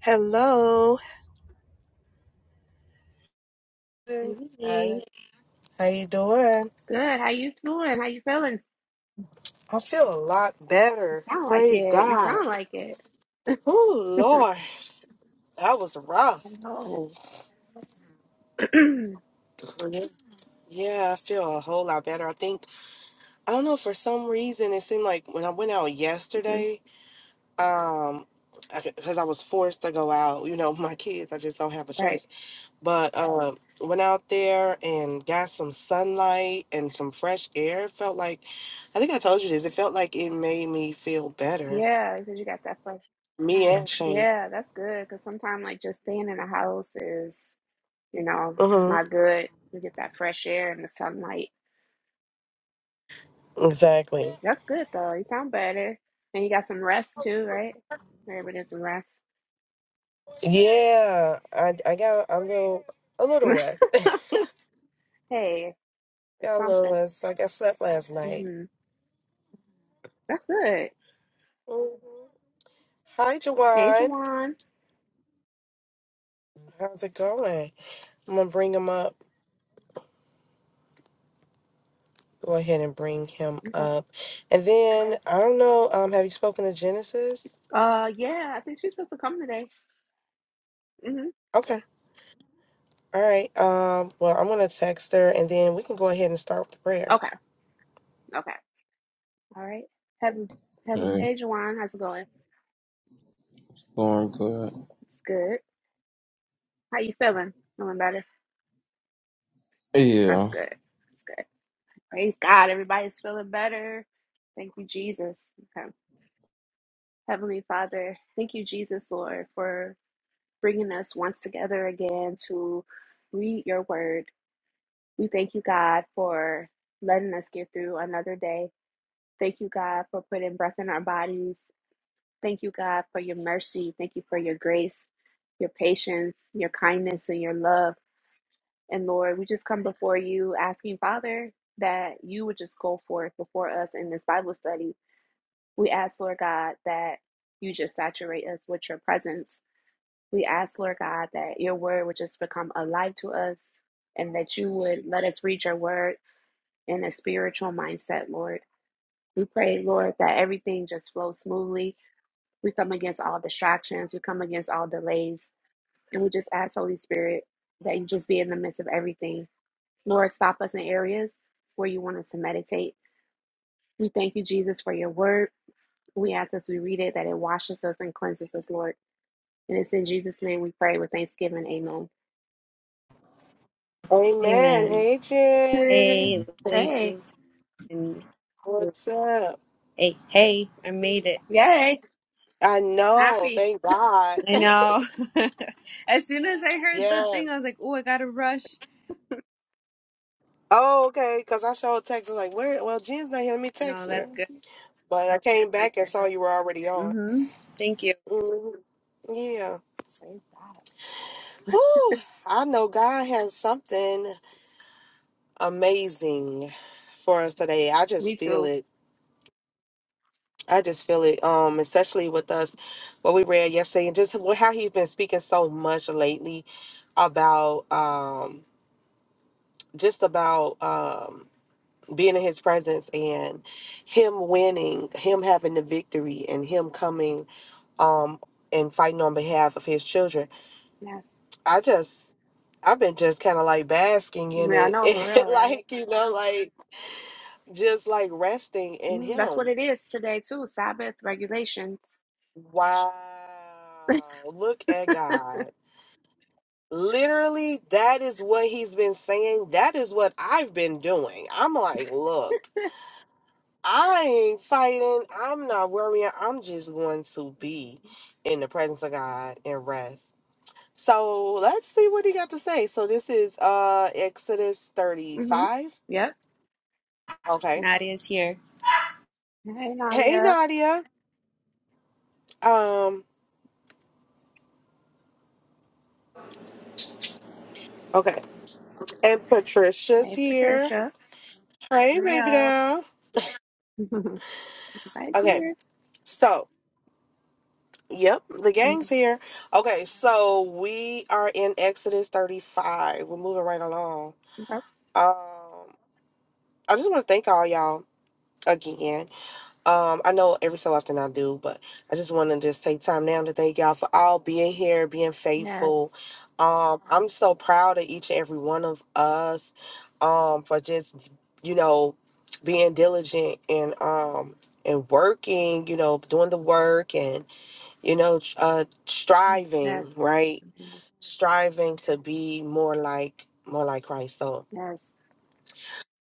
Hello. Hey, Hey, How you doing? Good. How you doing? How you feeling? I feel a lot You Better. sound like Praise it. You God. sound like it. Oh Lord, that was rough. I know. Yeah, I feel a whole lot better. I think I don't know for some reason it seemed like when I went out Mhm. yesterday, um, because I was forced to go out. You know, my kids, I just don't have a Right. choice. But um, went out there and got some sunlight and some fresh air. It felt like, I think I told you this. It felt like it made me feel better. Yeah, because you got that flesh. Me and Shane. Yeah, that's good. Because sometimes, like, just staying in the house is, you know, Mm-hmm. not good. You get that fresh air and the sunlight. Exactly. That's good, though. You sound better. And you got some rest, too, right? Everybody needs some rest. Yeah. I I got a little a little rest. Hey, it's got a little something. rest. Like I slept last night. hmm That's good. hmm Hi, Hey, Jawan. Jawan. How's it going? I'm gonna bring him up. Go ahead and bring him Okay. up. And then I don't know. Um, have you spoken to Genesis? Uh, yeah, I think she's supposed to come today. hmm Okay. All right. Um. Well, I'm gonna text her, and then we can go ahead and start with prayer. Okay. Okay. All right. Heaven. Heaven. Hey, Hey, Juwan. How's it going? going good. It's good. How you feeling? Feeling better? That's Yeah. good. That's good. Praise God. Everybody's feeling better. Thank you, Jesus. Okay. Heavenly Father, thank you, Jesus, Lord, for bringing us once together again to read your word. We thank you, God, for letting us get through another day. Thank you, God, for putting breath in our bodies Thank you, God, for your mercy. Thank you for your grace, your patience, your kindness, and your love. And Lord, we just come before you asking, Father, that you would just go forth before us in this Bible study. We ask, Lord God, that you just saturate us with your presence. We ask, Lord God, that your word would just become alive to us and that you would let us read your word in a spiritual mindset, Lord. We pray, Lord, that everything just flows smoothly we come against all distractions. We come against all delays. And we just ask, Holy Spirit, that you just be in the midst of everything. Lord, stop us in areas where you want us to meditate. We thank you, Jesus, for your word. We ask as we read it that it washes us and cleanses us, Lord. And it's in Jesus' name we pray with thanksgiving. Amen. Amen. Amen. Hey, Jen. Sis, Hey, Hey, ladies, and What's up? hey, hey, I made it. yay. I know. Happy. Thank God. I know. as soon as I heard the Yeah. thing, I was like, "Oh, I gotta rush." Oh, okay. Because I showed text. I'm like, where? Well, Jen's not here. Let me No, text her. that's Mm, good. But I came back and Self-reminder. saw you were already on. Mm-hmm. Thank you. hmm Yeah. Praise God. Whew. I know God has something amazing for us today. I Me just feel too. it. I just feel it. Um, especially with us, what we read yesterday, and just how he's been speaking so much lately about um, just about um being in his presence and him winning, him having the victory and him coming um and fighting on behalf of his children. Yes. I just I've been just kind of like basking in Yeah, I it know for real, and right? like, you know, like just like resting in Mm, that's what him. it is today, too. Sabbath regulations. Wow. Look at God. Literally, that is what he's been saying. That is what I've been doing. I'm like, look. I ain't fighting. I'm not worrying. I'm just going to be in the presence of God and rest. So let's see what he got to say. So this is uh Exodus Mm-hmm. 35. Yep. Okay. Nadia's here. Hey, Hey Nadia. Nadia. Um okay. And Patricia's Hey, here. Patricia. Hey Hi, baby all. doll. Everybody's Okay. here. So, yep, the gang's Mm-hmm. here. Okay, so we are in Exodus 35. We're moving right along. Yep. Um I just want to thank all y'all again Um, I know every so often I do, but I just want to just take time now to thank y'all for all being here, being Yes. faithful. Um, I'm so proud of each and every one of us, um, for just you know being diligent and um and working, you know, doing the work and you know uh Mm, Yes. striving, right? Amen. Striving to be more like more like Christ. So, Yes.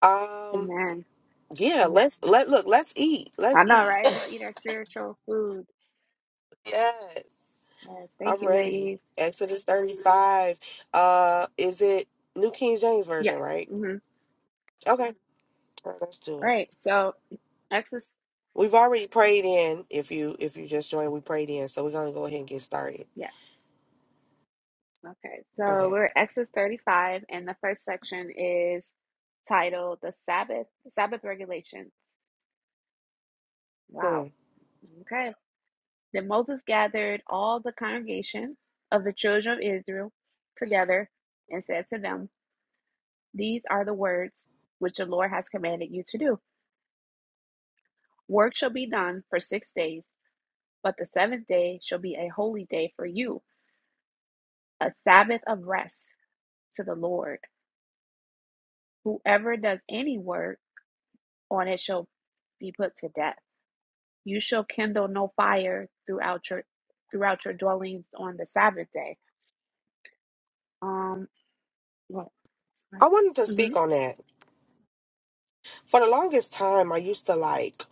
um, Amen. yeah, let's let look, let's eat, let's I know, eat. right? Let's eat our spiritual food. yes, Yes. I'm Thank you, ready. ladies. Exodus 35. Uh, is it New King James Version, Yes. right? Mm-hmm. Okay. All right, let's do All it. right. So, Exodus. We've already prayed in. If you if you just joined, we prayed in. So we're gonna go ahead and get started. Yes. Okay. So, Okay. we're Exodus 35, and the first section is titled The Sabbath, Sabbath Regulations. Hmm. Wow. Okay. Then Moses gathered all the congregation of the children of Israel together and said to them, These are the words which the Lord has commanded you to do. Work shall be done for six days, but the seventh day shall be a holy day for you, a Sabbath of rest to the Lord. Whoever does any work on it shall be put to death. You shall kindle no fire throughout your throughout your dwellings on the Sabbath day. Um, what? I wanted to speak on that. For the longest time, I used to like.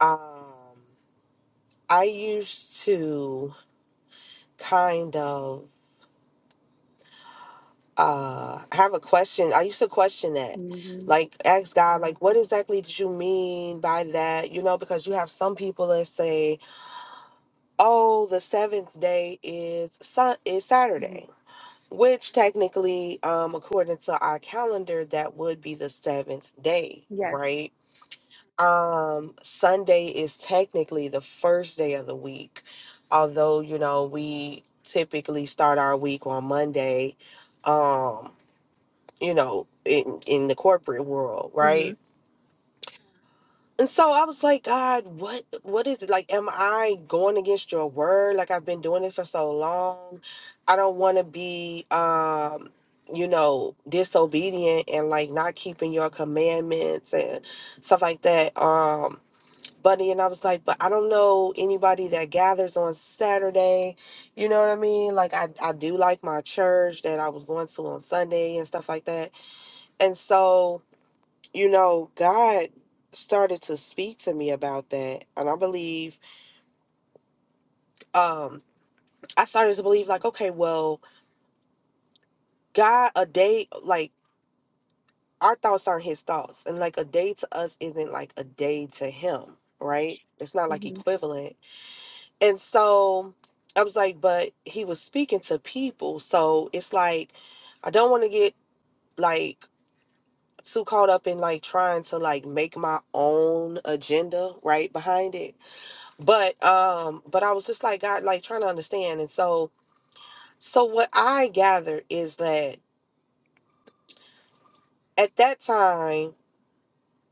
Um, I used to kind of uh have a question i used to question that hmm like ask god like what exactly did you mean by that you know because you have some people that say oh the seventh day is sun is Mhm. saturday which technically um according to our calendar that would be the seventh day Yes. right um sunday is technically the first day of the week although you know we typically start our week on monday um you know, in in the corporate world, Mhm. right? And so I was like, God, what what is it? Like, am I going against your word? Like I've been doing this for so long. I don't wanna be um, you know, disobedient and like not keeping your commandments and stuff like that. Um Buddy and I was like, but I don't know anybody that gathers on Saturday. You know what I mean? Like I, I do like my church that I was going to on Sunday and stuff like that. And so you know, God started to speak to me about that. And I believe, um, I started to believe, like, okay, well, God, a day, like, our thoughts aren't his thoughts. And, like, a day to us isn't like a day to him, right? It's not like Mhm. equivalent. And so I was like, but he was speaking to people. So it's like, I don't want to get, like, too caught up in like trying to like make my own agenda right behind it but um but i was just like god like trying to understand and so so what i gathered is that at that time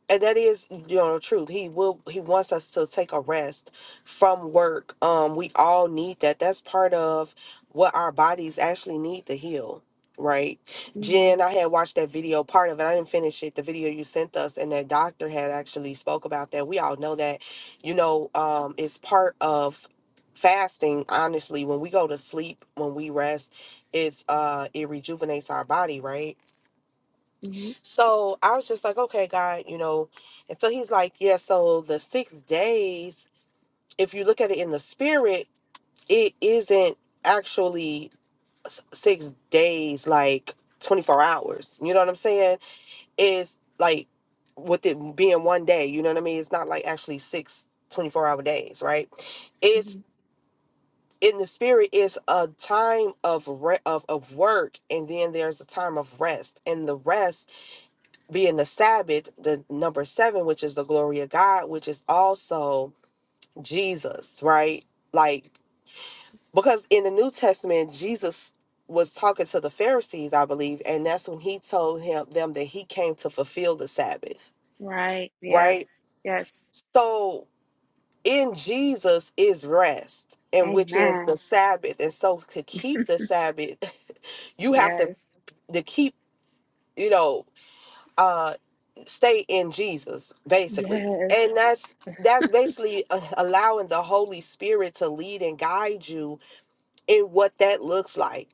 and that is you know the truth he will he wants us to take a rest from work um we all need that that's part of what our bodies actually need to heal right Mhm. jen i had watched that video part of it i didn't finish it the video you sent us and that doctor had actually spoke about that we all know that you know um it's part of fasting honestly when we go to sleep when we rest it's uh it rejuvenates our body right Mhm. so I was just like, okay, God, you know. And so he's like, yeah, so the six days, if you look at it in the spirit, it isn't actually s- six days, like 24 hours. You know what I'm saying? It's like with it being one day, you know what I mean? It's not like actually six twenty four hour days, right? It's Mhm. in the spirit is a time of re- of of work and then there's a time of rest and the rest being the Sabbath, the number seven, which is the glory of God, which is also Jesus, right? Like, because in the New Testament, Jesus was talking to the Pharisees, I believe, and that's when he told him them that he came to fulfill the Sabbath, Right. Yes. right? Yes. So in Jesus is rest, and which is the Amen. Sabbath. And so to keep the Sabbath, you have to Yes. to keep, you know. uh stay in Jesus basically Yes. and that's that's basically uh, allowing the holy spirit to lead and guide you in what that looks like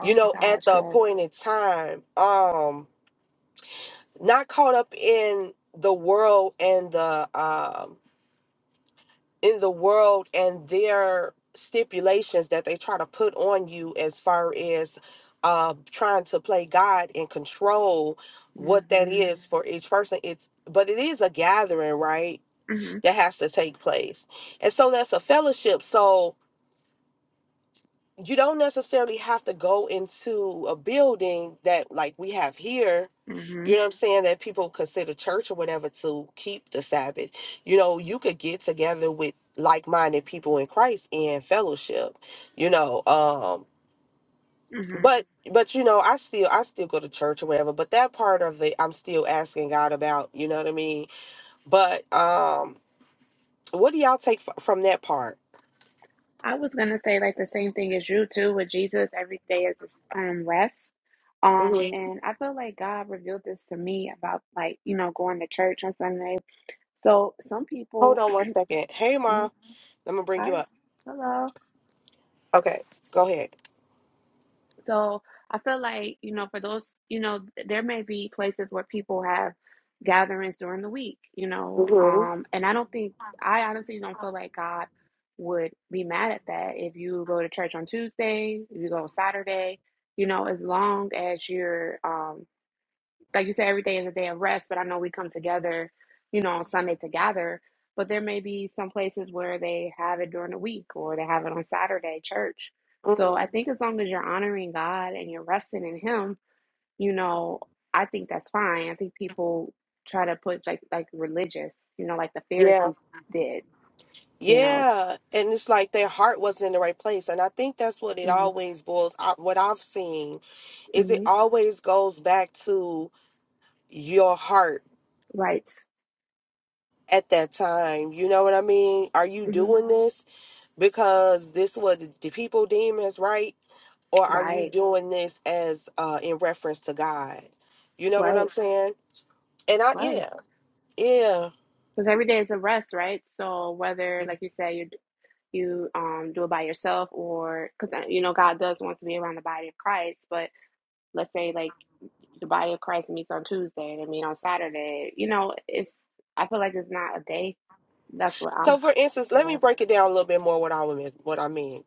you my know at gosh. the Yes. appointed time um not caught up in the world and the um in the world and their stipulations that they try to put on you as far as uh, trying to play God and control what that Mhm. is for each person. It's but it is a gathering, right? Mhm. That has to take place, and so that's a fellowship. So you don't necessarily have to go into a building that like we have here you Mhm. know what I'm saying, that people consider church or whatever to keep the Sabbath. You know, you could get together with like minded people in Christ and fellowship, you know. Um Mhm. but but you know, I still I still go to church or whatever, but that part of it I'm still asking God about, you know what I mean? But um what do y'all take f- from that part? I was gonna say like the same thing as you too with Jesus. Every day is his um rest. Um, Mhm. and I feel like God revealed this to me about like you know going to church on Sunday. So some Hold people, on one second. Hey Ma, Mhm. let me bring you I up. hello. Okay, go ahead. So I feel like, you know, for those, you know, th- there may be places where people have gatherings during the week, you know, Mhm. um, and I don't think, I honestly don't feel like God would be mad at that if you go to church on Tuesday, if you go Saturday, you know, as long as you're, um, like you said, every day is a day of rest, but I know we come together, you know, on Sunday to gather. But there may be some places where they have it during the week or they have it on Saturday, church. So I Mhm. think as long as you're honoring God and you're resting in Him, you know, I think that's fine. I think people try to put like like religious, you know, like the Yeah. Pharisees did, you know. Yeah, and it's like their heart wasn't in the right place. And I think that's what it hmm always boils out. What I've seen is it hmm always goes back to your heart Right. at that time. You know what I mean? Are you hmm doing this because this what the people deem as right? Or are you Right. doing this as uh in reference to God? You know what I'm Right. saying? And I Right. yeah, yeah. Because every day is a rest, right? So whether, like you said, you're you um do it by yourself or because you know god does want to be around the body of christ but let's say like the body of christ meets on tuesday and they meet on saturday you know it's i feel like it's not a day that's what So i'm for instance, let me yeah break it down a little bit more what I mean what I mean.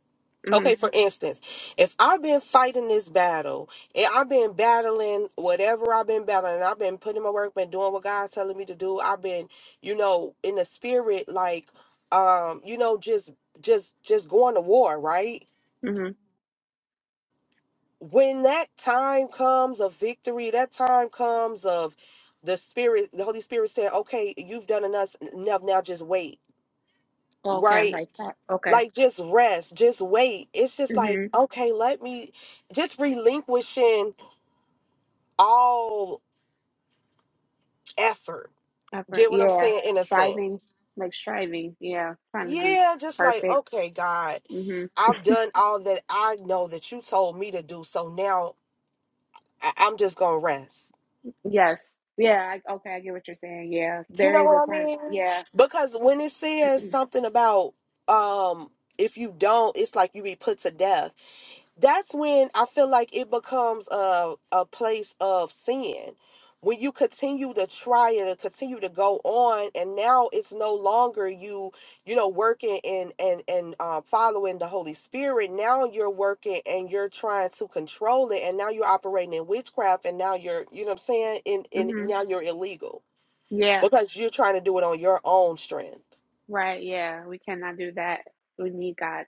Okay, mm-hmm for instance, if I've been fighting this battle, and I've been battling whatever I've been battling, I've been putting my work, been doing what God's telling me to do. I've been, you know, in the spirit, like, um, you know, just, just, just going to war, right? mm-hmm When that time comes of victory, that time comes of the spirit, the Holy Spirit saying, "Okay, you've done enough. Enough now. Just wait." Oh, okay Right? like that okay like just rest, just wait. It's just like, mm-hmm okay, let me just relinquishing all effort. effort Get what I'm yeah saying? In a sense. striving like striving yeah trying to be Yeah, just like, perfect okay, God, mm-hmm I've done all that I know that you told me to do. So now I- I'm just going to rest. yes yeah I, okay i get what you're saying yeah You there know is what a I time mean? yeah Because when it says something about, um, if you don't, it's like you be put to death that's when I feel like it becomes a a place of sin. When you continue to try and continue to go on, and now it's no longer you, you know, working and and and um, following the Holy Spirit. Now you're working and you're trying to control it, and now you're operating in witchcraft, and now you're, you know, what I'm saying, and and mm-hmm now you're illegal yeah because you're trying to do it on your own strength. Right, yeah, we cannot do that. We need God,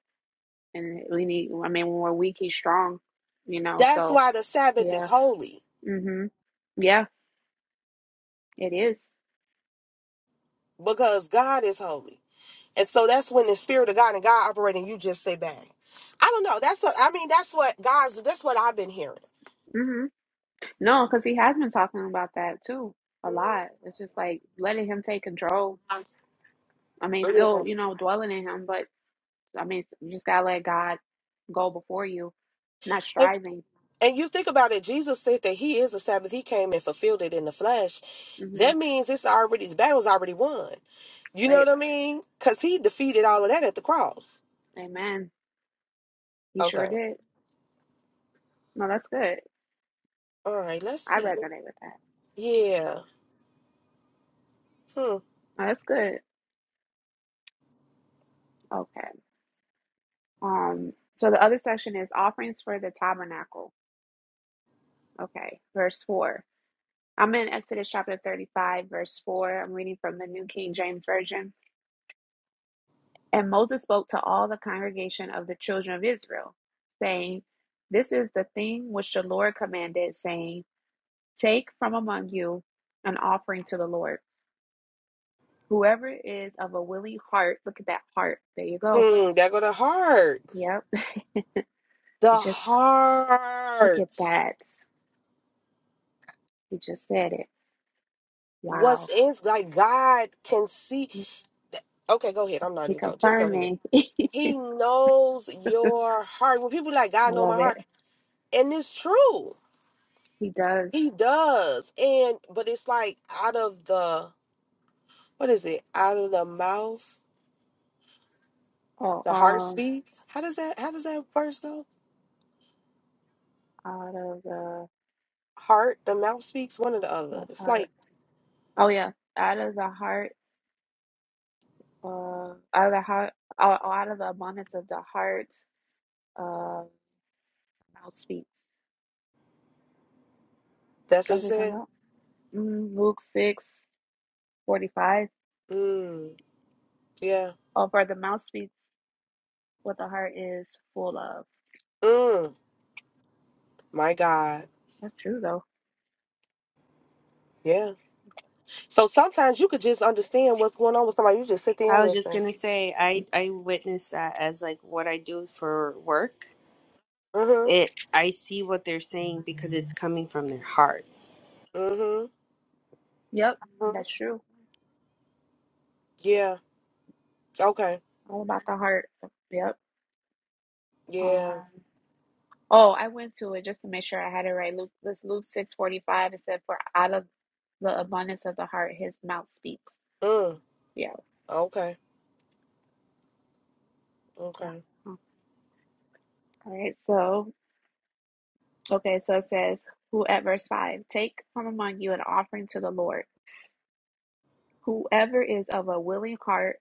and we need, I mean, when we're weak, He's strong, you know, That's so why the Sabbath is yeah. holy Mm-hmm. Yeah, it is. because God is holy. And so that's when the spirit of God and God operating, you just say bang. I don't know. That's what I mean, that's what God's that's what I've been hearing. Mm-hmm. No, because he has been talking about that too a lot. It's just like letting Him take control. I mean, still, Yeah. you know, dwelling in Him, but I mean, you just gotta let God go before you, not If, striving. and you think about it, Jesus said that he is the Sabbath. He came and fulfilled it in the flesh. Mm-hmm. That means it's already the battle's already won. You know Right. what I mean? Cause he defeated all of that at the cross. Amen. He sure Okay. did. No, that's good. All right, let's I see. resonate with that. Yeah. Hmm. No, that's good. Okay. Um, so the other section is offerings for the tabernacle. Okay, verse 4. I'm in Exodus chapter 35, verse 4. I'm reading from the New King James Version. And Moses spoke to all the congregation of the children of Israel, saying, This is the thing which the Lord commanded, saying, Take from among you an offering to the Lord. Whoever is of a willing heart, look at that heart. There you go. Hmm. There go the heart. Yep. You The just look heart. at that. You just said it. What's Wow. in like God can see. Okay, go ahead. I'm not He even going. Just go confirmed ahead. me. He knows your heart. When people like I God know love my it. heart, and it's true. He does. He does. And but it's like out of the what is it? Out of the mouth, Oh, the heart um, speaks. How does that how does that verse go? out of the, Heart, the mouth speaks, one or the other. the It's like heart. Oh yeah, out of the heart. Uh, out of the heart. Oh, oh, out of the abundance of the heart. Uh, mouth speaks. that's what That's it's what you're talking saying. about. Mm, Luke six forty five. Mm. Yeah. Oh, for the mouth speaks what the heart is full of. Mm. My God. That's true though. Yeah. So sometimes you could just understand what's going on with somebody. You just sit there and I was just listen. gonna say, I I witness that as like what I do for work. Mm-hmm. It I see what they're saying because it's coming from their heart. Mm-hmm. Yep, hmm that's true. Yeah. Okay. All about the heart. Yep. Yeah. Um. Oh, I went to it just to make sure I had it right. Luke, this Luke six forty five. It said, "For out of the abundance of the heart, his mouth speaks." Mm. Yeah, Okay. yeah. Okay. Mm. All right. So, okay. So it says, "Who at verse five, take from among you an offering to the Lord. Whoever is of a willing heart,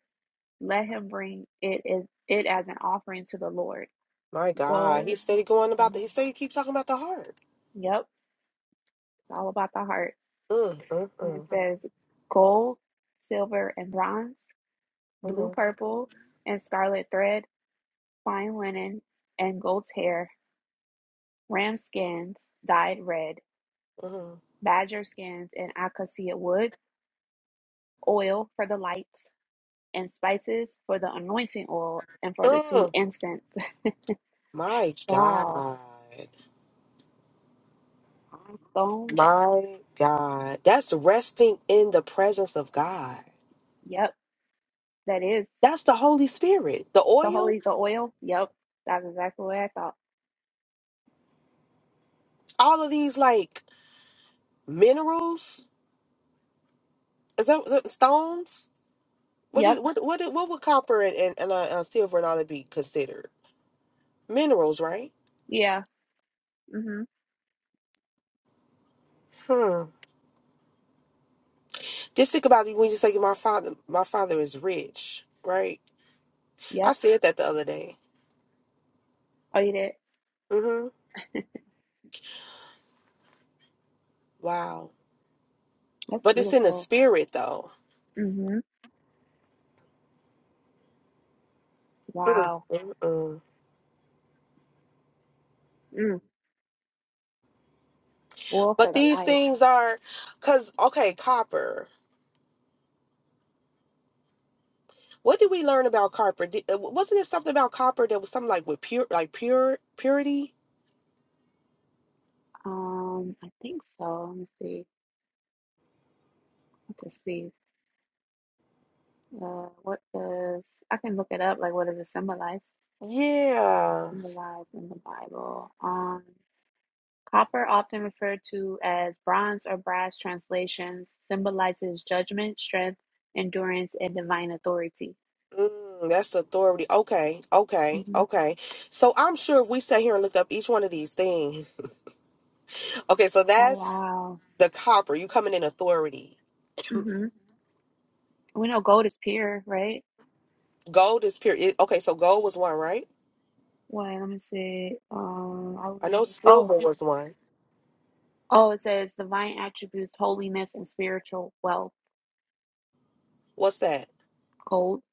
let him bring it is it as an offering to the Lord. My God. Gold. He's steady going about the mm, he steady keep talking about the heart. Yep. It's all about the heart. Mm. Mm. And it says, gold, silver, and bronze, blue, Mm. Mm. purple, and scarlet thread." Fine linen and goat's hair, ram skins dyed red, Mm. badger skins and acacia wood, oil for the lights, and spices for the anointing oil and for the sweet mm. incense. My Wow, God. I'm stoned. My God. That's resting in the presence of God. Yep, that is That's the Holy Spirit. The the oil, holy, the oil. Yep, that's exactly what I thought. all of these like minerals. Is that the stones? What is Yep, what what what would copper and and, and, uh, uh, silver and all that be considered? Minerals, right? yeah, mm-hmm. Hmm. Just think about it when you say my father. My father is rich, right? I Yep, said that the other day. oh, you did. hmm Wow. That's But it's in the beautiful. spirit, though. Mm-hmm. Mm, Wow. mm, mm. Mm. Oil for But the these light. things are, cause okay, copper. What did we learn about copper? Did, uh, wasn't it something about copper that was something like with pure, like pure purity? Um, I think so. Let me see. I can see. Uh, what does I can look it up? Like, what does it symbolize? Yeah. Symbolize in the Bible. Um, copper, often referred to as bronze or brass translations, symbolizes judgment, strength, endurance, and divine authority. Mm, that's authority. Okay, okay, hmm okay. So I'm sure if we sat here and looked up each one of these things, okay, so Oh that's wow. the copper. You coming in authority hmm We know gold is pure, right? Gold is pure. it- Okay, so gold was one, right? Wait, let me see. Um, I I know was, oh, silver was one. oh, it says divine attributes, holiness, and spiritual wealth. What's that? Gold.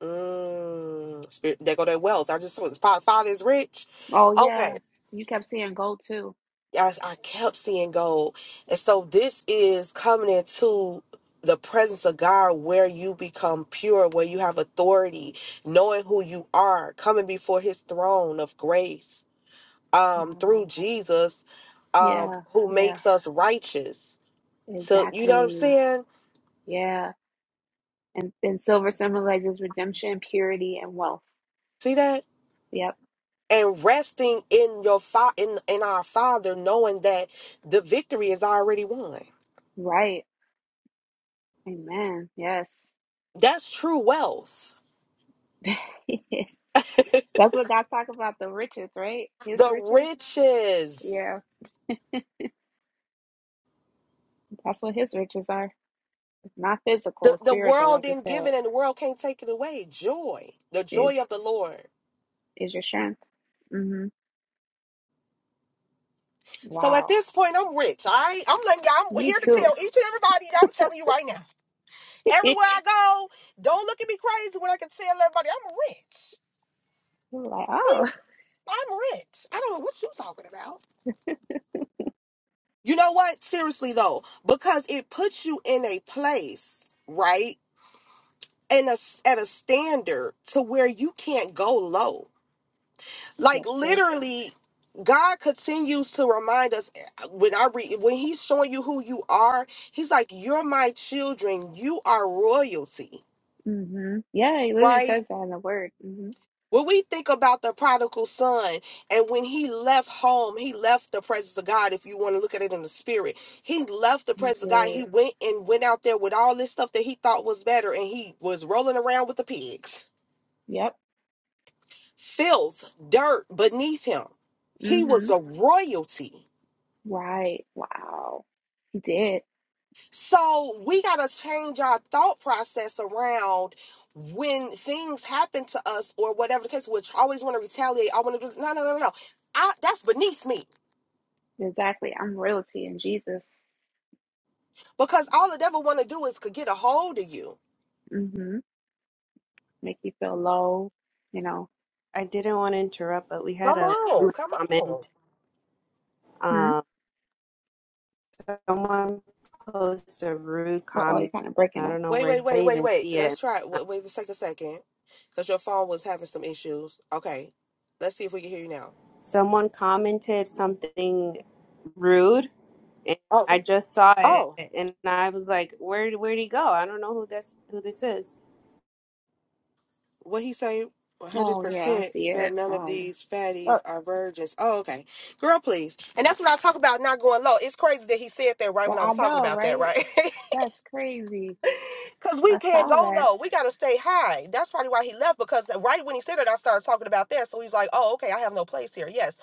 Mm, spirit, they go their wealth. I just was father, father is rich. Oh Okay, yeah, you kept seeing gold too. I, I kept seeing gold, and so this is coming into the presence of God, where you become pure, where you have authority, knowing who you are, coming before His throne of grace, um, Wow. through Jesus, um, Yeah, who yeah, makes us righteous. So you know what I'm exactly. saying? Yeah. And then silver symbolizes redemption, purity, and wealth. See that? Yep. and resting in your fa- in, in our father knowing that the victory is already won Right. Amen. Yes. that's true wealth Yes. the That's what God's talking about, the riches, right? His riches. riches Yeah. That's what his riches are. It's not the, physical, the spiritual, world like I didn't give said, it and the world can't take it away joy the is joy of the lord is your strength. Mm-hmm. so at Wow. this point i'm rich all right i'm letting y'all i'm Me here to tell too. each and everybody i'm telling you right now You're everywhere i go don't look at me crazy when i can tell everybody i'm rich like, What you- oh, i'm rich i don't know what you talking about You know what? Seriously though, because it puts you in a place, right? And a, at a standard to where you can't go low. Like that's true. literally, God continues to remind us eh, when I read when He's showing you who you are. He's like, "You're my children. You are royalty." Mm-hmm. Yeah, he literally Right? says that in the word. Mm-hmm. When we think about the prodigal son and when he left home, he left the presence of God, if you want to look at it in the spirit. He left the He presence of God. He did. went and went out there with all this stuff that he thought was better and he was rolling around with the pigs. Yep. Filth, dirt beneath him. He mm-hmm. was a royalty. Right. Wow. He did. So we got to change our thought process around when things happen to us or whatever the case, which I always want to retaliate. I want to do, no, no, no, no. no. I, that's beneath me. Exactly. I'm royalty in Jesus. Because all the devil want to do is could get a hold of you. Mm-hmm. Make you feel low, you know. I didn't want to interrupt, but we had Come a on, come on. comment. Hmm. um, someone posted a rude Uh-oh, you're comment. kind of breaking I up. don't know Wait, where he, wait, I wait, didn't wait, even wait. see Let's it. try. it. Uh, Wait, wait just take a second, because your phone was having some issues. Okay, let's see if we can hear you now. Someone commented something rude, and Oh, I just saw it, oh, and I was like, "Where where would he go? I don't know who this who this is." what he say? One hundred Oh yeah, I percent see that it. none of Um these fatties oh, are virgins. Oh, okay, girl, please. And that's what I talk about not going low. It's crazy that he said that right when I I was talking know, about that, right? right? That's crazy. Cause we I can't saw go that. low. We gotta stay high. That's probably why he left. Because right when he said it, I started talking about that. So he's like, "Oh, okay, I have no place here." Yes,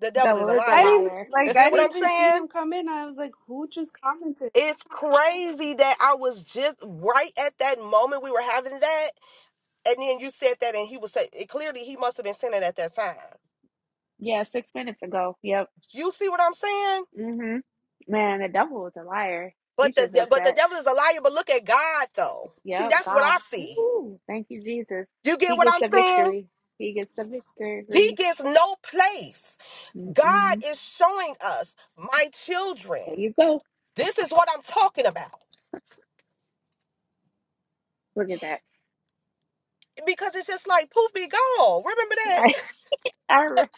the devil is a Devil is a I liar. didn't liar. like. I Get what didn't I'm even see saying? him come in. I was like, "Who just commented?" It's crazy that I was just right at that moment we were having that, and then you said that, and he was say it, clearly he must have been sinning at that time. Yeah, six minutes ago. Yep. You see what I'm saying? Mm-hmm. Man, the devil is a liar. But He's the just de- but the upset. devil is a liar. But look at God though. See, Yep, that's what God. I see. Ooh, thank you, Jesus. You get He what gets I'm the saying? victory. He gets the He victory. gets no place. God is showing us, my children, There you go. this is what I'm talking about. Look at that. Because it's just like poof be gone. Remember that? Right. I, re-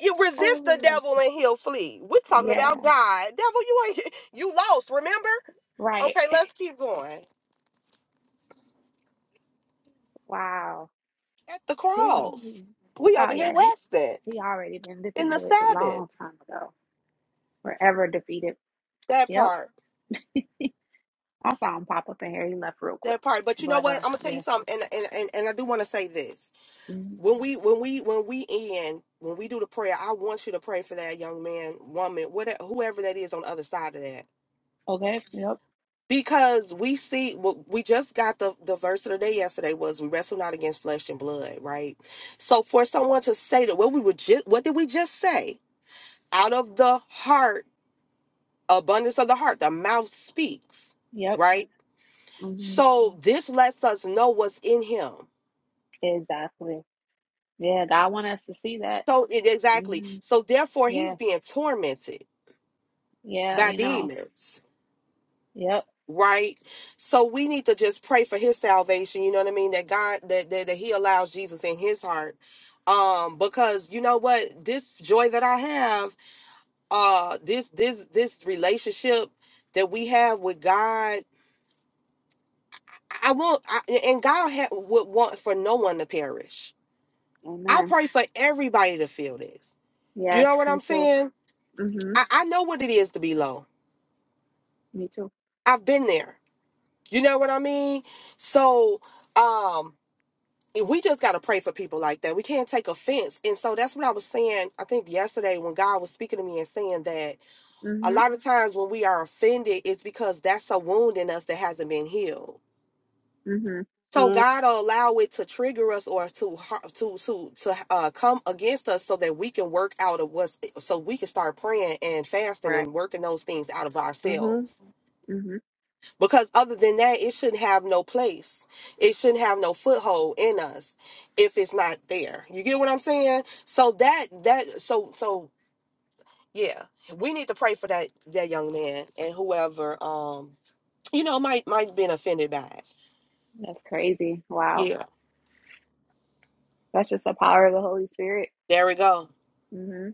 You I resist the remember that. devil and he'll flee. We're talking Yeah. about God. Devil, you ain't you lost, remember? Right. Okay, let's keep going. Wow. At the Two. cross. We Oh over here yeah. He resting he already been in the defeated a Sabbath. long time ago. Forever defeated. That Yep. part. I saw him pop up in here. He left real quick. That part. But you know But what? uh, I'm gonna tell you yeah. something, and and, and, and I do wanna say this. hmm when we when we when we end when we do the prayer i want you to pray for that young man woman whatever whoever that is on the other side of that Okay. Yep. because we see well, we just got the the verse of the day yesterday was we wrestle not against flesh and blood right so for someone to say that what we were just what did we just say out of the heart abundance of the heart the mouth speaks Yep. right hmm so this lets us know what's in him Exactly. Yeah. God want us to see that. so it, exactly hmm so therefore he's Yeah. being tormented Yeah. by You know. demons Yep. right so we need to just pray for his salvation you know what i mean that god that that, that he allows jesus in his heart um because you know what this joy that i have uh this this this relationship that we have with god i want I, and god ha- would want for no one to perish i Amen. pray for everybody to feel this you Yes. know what Me i'm too. saying hmm i, I know what it is to be low Me too. i've been there you know what i mean so um. we just got to pray for people like that. We can't take offense. And so that's what I was saying, I think yesterday when God was speaking to me and saying that a hmm lot of times when we are offended, it's because that's a wound in us that hasn't been healed. hmm So Mhm. God will allow it to trigger us or to har- to to to uh, come against us so that we can work out of what's so we can start praying and fasting Right. and working those things out of ourselves. hmm Because other than that, it shouldn't have no place. It shouldn't have no foothold in us if it's not there. You get what I'm saying? So that that so so yeah, we need to pray for that that young man and whoever um you know might might been offended by it. That's crazy. Wow. Yeah, That's just the power of the Holy Spirit. there we go, hmm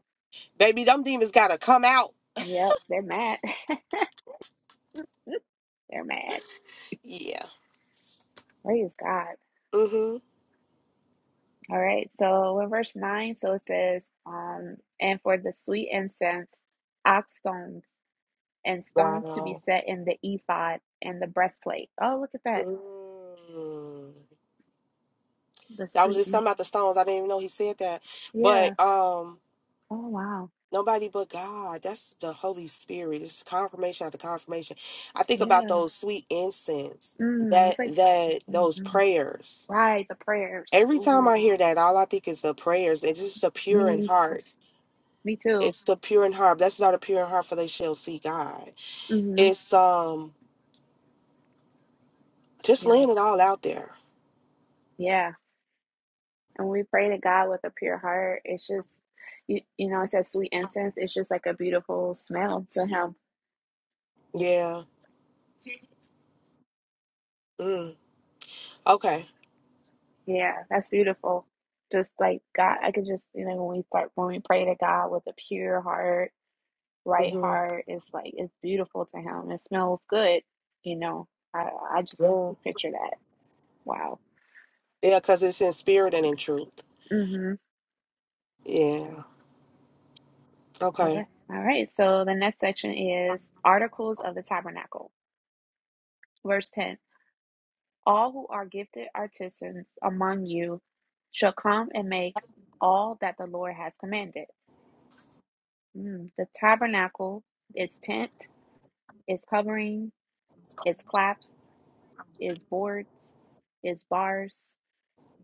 baby. Them demons gotta come out. Yep. They're mad. They're mad. Yeah. Praise God. Mm-hmm. All right. So in verse 9, so it says, um, and for the sweet incense, ox stones and stones to be Wow. set in the ephod and the breastplate. Oh, look at that. Mm. The That was sweet. just in- something about the stones. I didn't even know he said that, but Yeah. um. Oh, wow. Nobody but God. That's the Holy Spirit. It's confirmation after confirmation. I think about Yeah. those sweet incense, Mm, that it's like, that those mhm. prayers. right. The prayers. Every time I Ooh, hear that, all I think is the prayers. It's just the pure in me too. heart. Me too. It's the pure in heart. Blessed are the pure in heart, for they shall see God. Mm-hmm. It's um just Yeah. laying it all out there. Yeah. And we pray to God with a pure heart. It's just, you, you know, it says sweet incense. It's just like a beautiful smell to Him. Yeah. Mm. Okay. Yeah. That's beautiful. Just like God, I could just, you know, when we start, when we pray to God with a pure heart, right hmm heart, it's like, it's beautiful to Him. It smells good. You know, I, I just Yeah. picture that. Wow. Yeah, because it's in spirit and in truth. Mm-hmm. Yeah. All Okay. right. All right. So the next section is Articles of the Tabernacle, verse 10. All who are gifted artisans among you shall come and make all that the Lord has commanded. Mm, The tabernacle, its tent, its covering, its claps, its boards, its bars,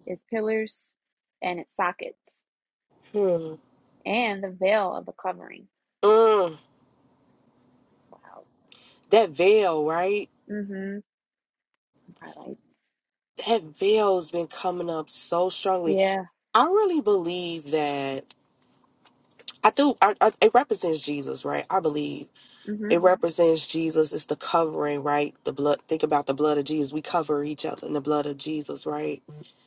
its pillars, and its sockets, Hmm. and the veil of the covering. Mm. Wow. That veil, right? Mm-hmm. Highlight. that veil's been coming up so strongly. Yeah. I really believe that I do. I, I, it represents Jesus, right? I believe Mm-hmm. it Mhm. represents Jesus. It's the covering, right? The blood. Think about the blood of Jesus. We cover each other in the blood of Jesus, right?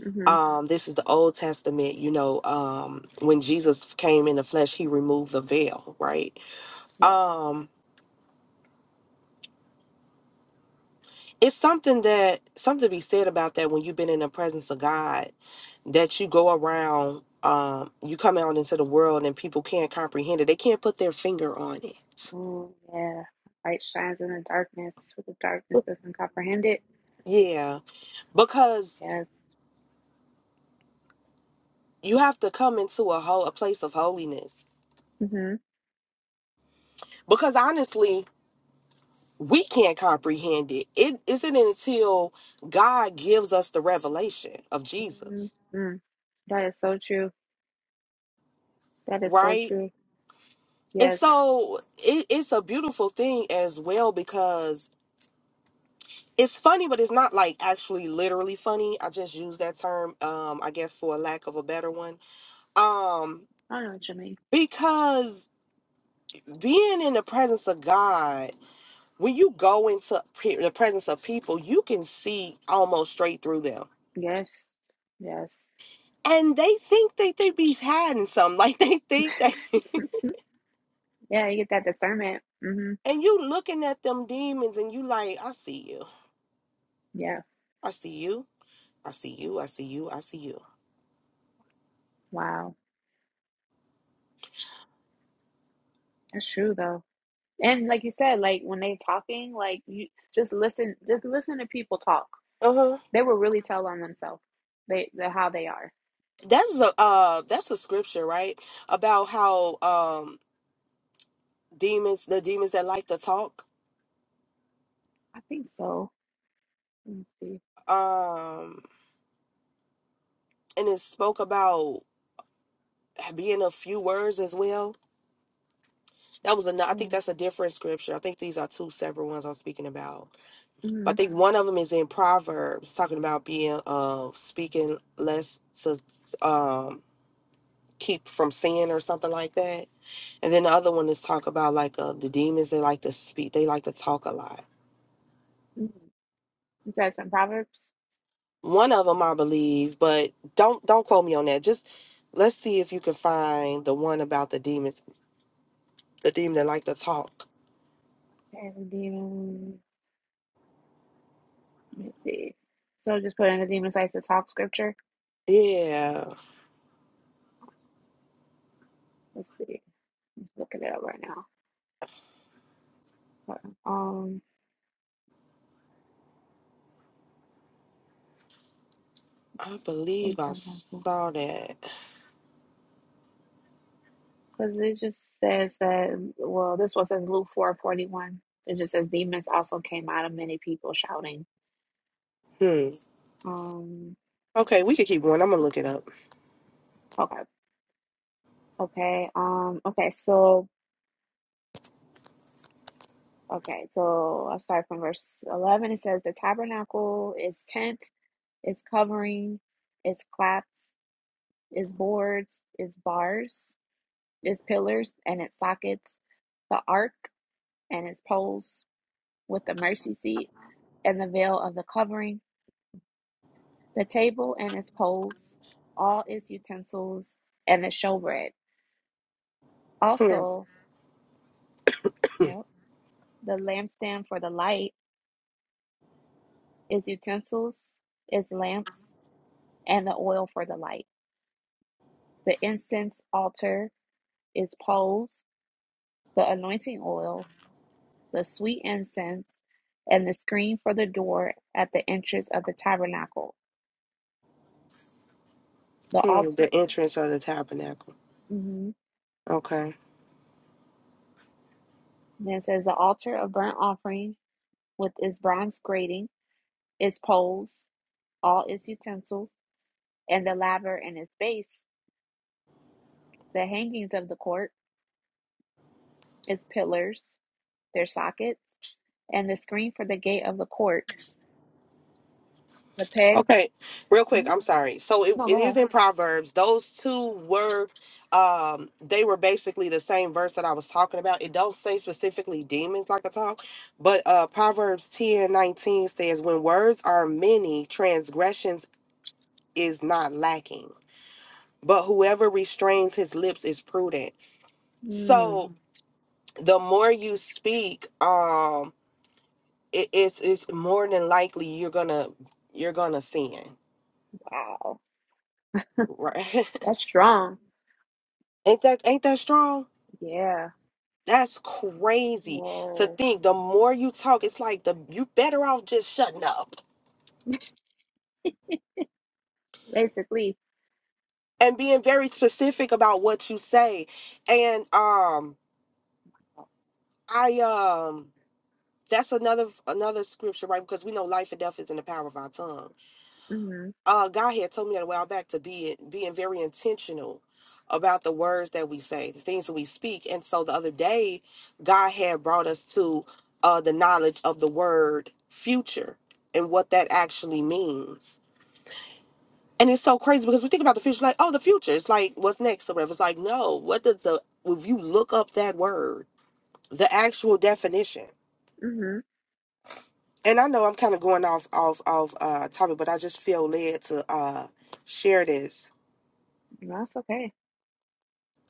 Mm-hmm. Um, this is the Old Testament. You know, um, when Jesus came in the flesh, he removed the veil, right? Yeah. it's something that something to be said about that when you've been in the presence of God, that you go around, um, you come out into the world and people can't comprehend it. They can't put their finger on it. Mm, yeah. Light shines in the darkness, for the darkness doesn't comprehend it. Yeah, because Yes. you have to come into a whole a place of holiness. Mm-hmm. Because honestly, we can't comprehend it. It isn't until God gives us the revelation of Mm, Jesus, mm. That is so true. That is so right? true. And Yes. so it, it's a beautiful thing as well because it's funny, but it's not like actually literally funny. I just use that term, um, I guess for a lack of a better one. Um, I know what you mean. because being in the presence of God, when you go into pe- the presence of people, you can see almost straight through them. Yes. Yes. And they think that they be hiding something. Like they think that Yeah, you get that discernment. hmm and you looking at them demons and you like, I see you. Yeah. I see you. I see you. I see you. I see Wow. That's true though. And like you said, like when they talking, like you just listen, just listen to people talk. you. They will really tell on themselves. They the how they are. that's a uh that's a scripture right about how um demons the demons that like to talk I think so. Let me see. um and it spoke about being a few words as well that was another i think Oh. that's a different scripture i think these are two separate ones i'm speaking about but i hmm think one of them is in proverbs talking about being uh speaking less to um keep from sin or something like that and then the other one is talk about like uh, the demons they like to speak they like to talk a lot You said some proverbs one of them i believe but don't don't quote me on that just let's see if you can find the one about the demons the demon that like to talk and the demon. Let me see. So just put in the demon sites to talk scripture. yeah Let's see. looking it up right now. But, um, i because believe i saw that it just says that. Well, this one says Luke four forty one. It just says demons also came out of many people shouting. hmm Um. okay we could keep going i'm gonna look it up Okay. Okay. Um. Okay. So. Okay. So I'll start from verse eleven. It says the tabernacle is tent, is covering, is claps, is boards, is bars, is pillars, and its sockets. The ark and its poles with the mercy seat and the veil of the covering, the table and its poles, all its utensils, and the showbread. hmm. Also, yep, the lampstand for the light, its utensils, its lamps, and the oil for the light. The incense altar, its poles, the anointing oil, the sweet incense, and the screen for the door at the entrance of the tabernacle. The Hmm. altar, the entrance of the tabernacle mhm. okay then it says the altar of burnt offering with its bronze grating its poles, all its utensils, and the laver and its base, the hangings of the court, its pillars, their sockets, and the screen for the gate of the court, the pegs. Okay, real quick, hmm I'm sorry. So it, No, it go ahead. is in Proverbs. Those two were um they were basically the same verse that I was talking about. It don't say specifically demons like I talk, but uh Proverbs 10 19 says, When words are many, transgressions is not lacking. But whoever restrains his lips is prudent. Hmm. So the more you speak, um it, it's it's more than likely you're gonna you're gonna sin. wow, Right. that's strong. ain't that ain't that strong? Yeah. That's crazy to Whoa. think. The more you talk, it's like the you better off just shutting up Basically. and being very specific about what you say. And um, I um, that's another another scripture, right? Because we know life and death is in the power of our tongue. hmm Uh, God had told me that a while back to be being very intentional about the words that we say, the things that we speak. And so the other day, God had brought us to uh the knowledge of the word future and what that actually means And it's so crazy because we think about the future like, oh, the future. It's like, what's next or whatever. It's like, no, what does the, if you look up that word, the actual definition. hmm And I know I'm kind of going off, off, off uh, topic, but I just feel led to uh, share this. That's okay.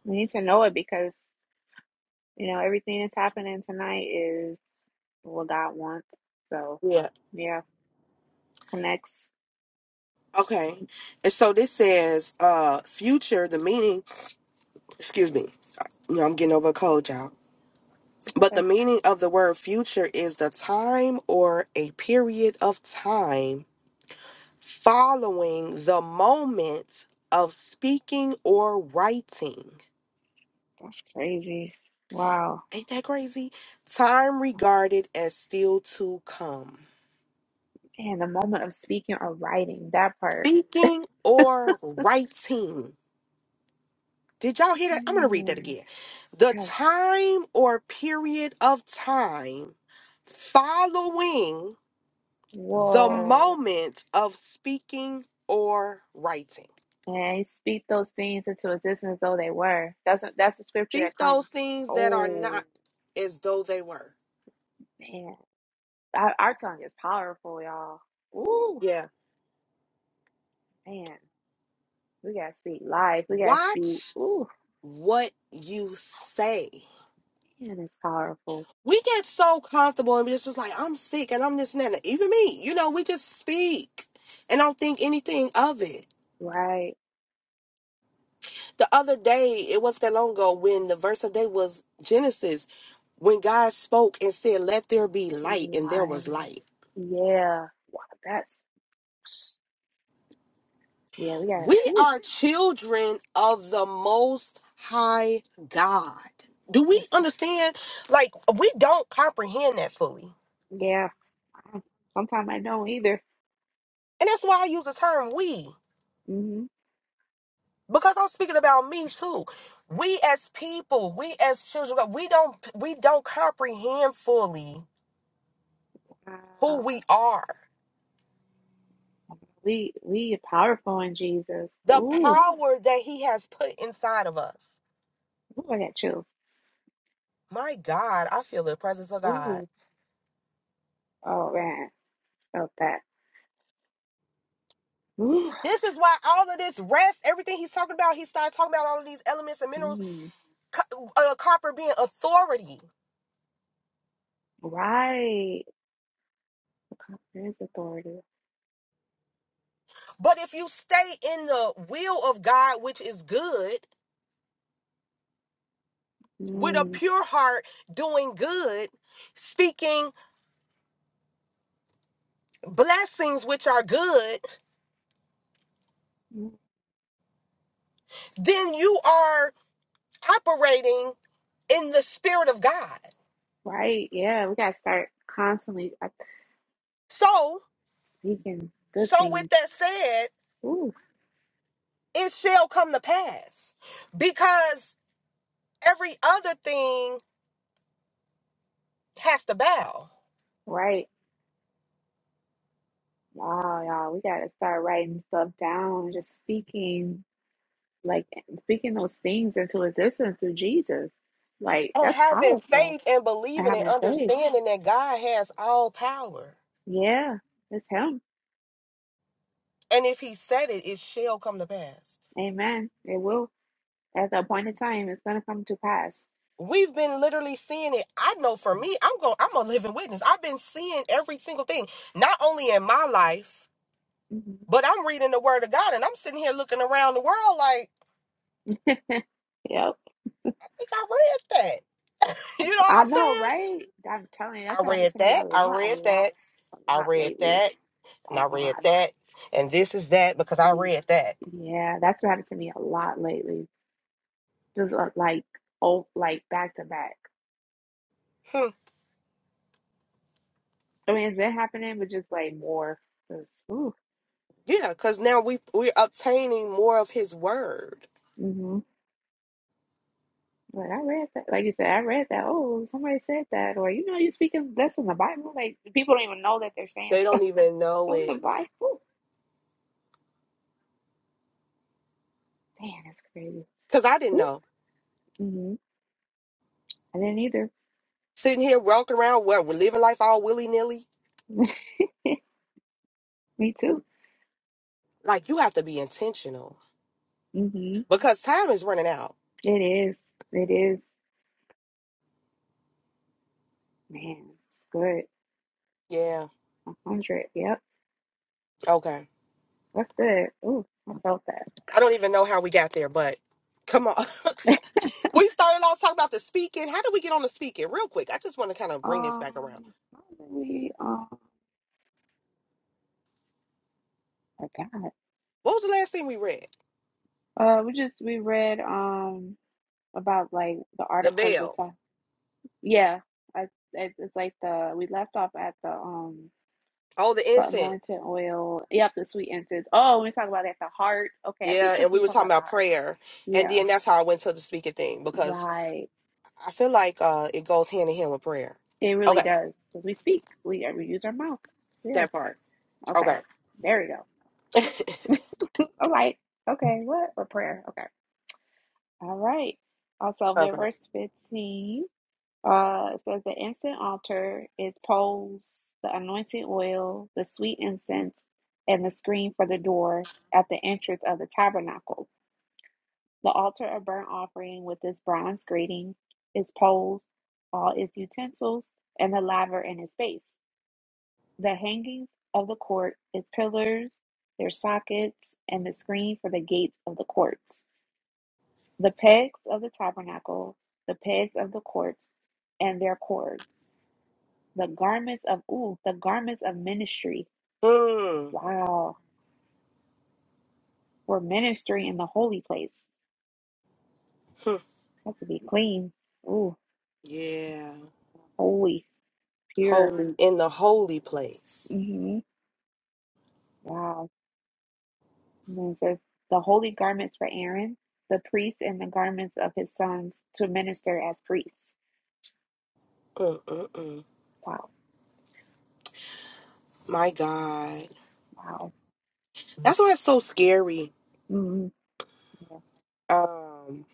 We need to know it because you know everything that's happening tonight is what God wants. So Yeah. yeah, connects. Okay. And so this says, uh, future, the meaning, excuse me, you know, I'm getting over a cold, y'all. It's But okay. the meaning of the word future is the time or a period of time following the moment of speaking or writing. That's crazy. Wow. Ain't that crazy? Time regarded as still to come. Man, the moment of speaking or writing, that part. Speaking or writing. Did y'all hear that? I'm going to read that Mm, again. The that's time or period of time following the whoa. moment of speaking or writing. And he speak those things into existence though they were. That's what- that's the scripture Speak that those comes. things that are not Oh as though they were. man. Our, our tongue is powerful, y'all. Ooh, Yeah. man. We gotta speak life. We gotta speak. Watch Ooh, what you say. man, it's powerful. We get so comfortable and it's just like, I'm sick and I'm this and that. Even me, you know, we just speak and don't think anything of it. Right? The other day, it wasn't that long ago when the verse of the day was Genesis, when God spoke and said, Let there be Be light, and there light. was light. Yeah. Wow, that's yeah, we gotta We ooh, are children of the Most High God. Do we that's understand? Like, we don't comprehend that fully. yeah. Mm, Sometimes I don't either. And that's why I use the term we. hmm because I'm speaking about me too. We as people, we as children, of God, we don't we don't comprehend fully who Wow. we are. We we are powerful in Jesus. The Ooh, power that he has put inside of us. ooh, I got chills. My God, I feel the presence of God. Ooh, oh man, felt that. Ooh, This is why all of this rest, everything he's talking about, he started talking about all of these elements and minerals, mm, co- uh, copper being authority. right. Because There is authority. But if you stay in the will of God, which is good, with a Mm, pure heart, doing good, speaking blessings which are good, mm, then you are operating in the spirit of God. right. Yeah, we gotta start constantly uh, So, speaking good so with things. that said, Ooh, it shall come to pass because every other thing has to bow. right. Wow, y'all, we gotta start writing stuff down, just speaking like speaking those things into existence through Jesus. Like And that's having powerful faith and and believing and having faith. understanding that God has all power. Yeah, it's him. And if he said it, it shall come to pass. Amen. It will at the appointed time. It's gonna come to pass. We've been literally seeing it. I know for me, I'm going I'm a living witness. I've been seeing every single thing, not only in my life, hmm But I'm reading the word of God and I'm sitting here looking around the world like, Yep. I think I read that. You know what I I'm know, saying? right? I'm telling you, that's I what happened read to me a that. I lot, a read lot, that. a I lot read lately, that. And a I read lot. that. And this is that because I Y- read that. Yeah, that's what happened to me a lot lately. Just uh, like oh, like back to back. Hmm. I mean, it's been happening, but just like more. Just, ooh. Yeah, because now we we're obtaining more of his word. mm-hmm. Like I read that, like you said, I read that. Oh, somebody said that, or you know, you speaking that's in the Bible. Like people don't even know that they're saying They stuff don't even know from the it. Bible. Damn, that's crazy. Cause I didn't know. Mm-hmm. I didn't either. Sitting here walking around where we're living life all willy nilly. Me too. Like you have to be intentional. Mm-hmm. Because time is running out. It is. It is. Man, it's good. Yeah. A hundred. Yep, Okay. that's good. Ooh, I felt that. I don't even know how we got there, but come on. we started off talking about the speaking. How did we get on the speaking? Real quick, I just want to kind of bring this back around. Um, how did we um, I got. it. What was the last thing we read? Uh, we just we read um about like the The articles of veil. Yeah, I it, it's like the we left off at the um Oh, the the anointed incense. oil. Yep, the sweet incense. Oh, we talk about at the heart. Okay, I Yeah, think because and we we were talk talking about the about heart. prayer, and Yeah, then that's how I went to the speaking thing because right. I feel like uh, it goes hand in hand with prayer. It really Okay, does because we speak. We uh, we use our mouth. Yeah. that part. Okay. Okay. There we go. All right. Okay. What? A prayer. Okay. All right. Also, in okay. verse fifteen. Uh, it says the incense altar is poles, the anointing oil, the sweet incense, and the screen for the door at the entrance of the tabernacle. The altar of burnt offering with its bronze grating, its poles, all its utensils, and the laver and its base. The hangings of the court, its pillars, their sockets, and the screen for the gates of the courts. The pegs of the tabernacle, the pegs of the courts, and their cords. The garments of ooh, the garments of ministry. Hmm. Wow. We're ministering in the holy place. That's to be clean. Ooh, Yeah. holy, pure. Holy in the holy place. hmm Wow. And then it says the holy garments for Aaron, the priest, and the garments of his sons to minister as priests. Mm-mm-mm. Wow. My God, Wow. that's why it's so scary hmm Yeah. um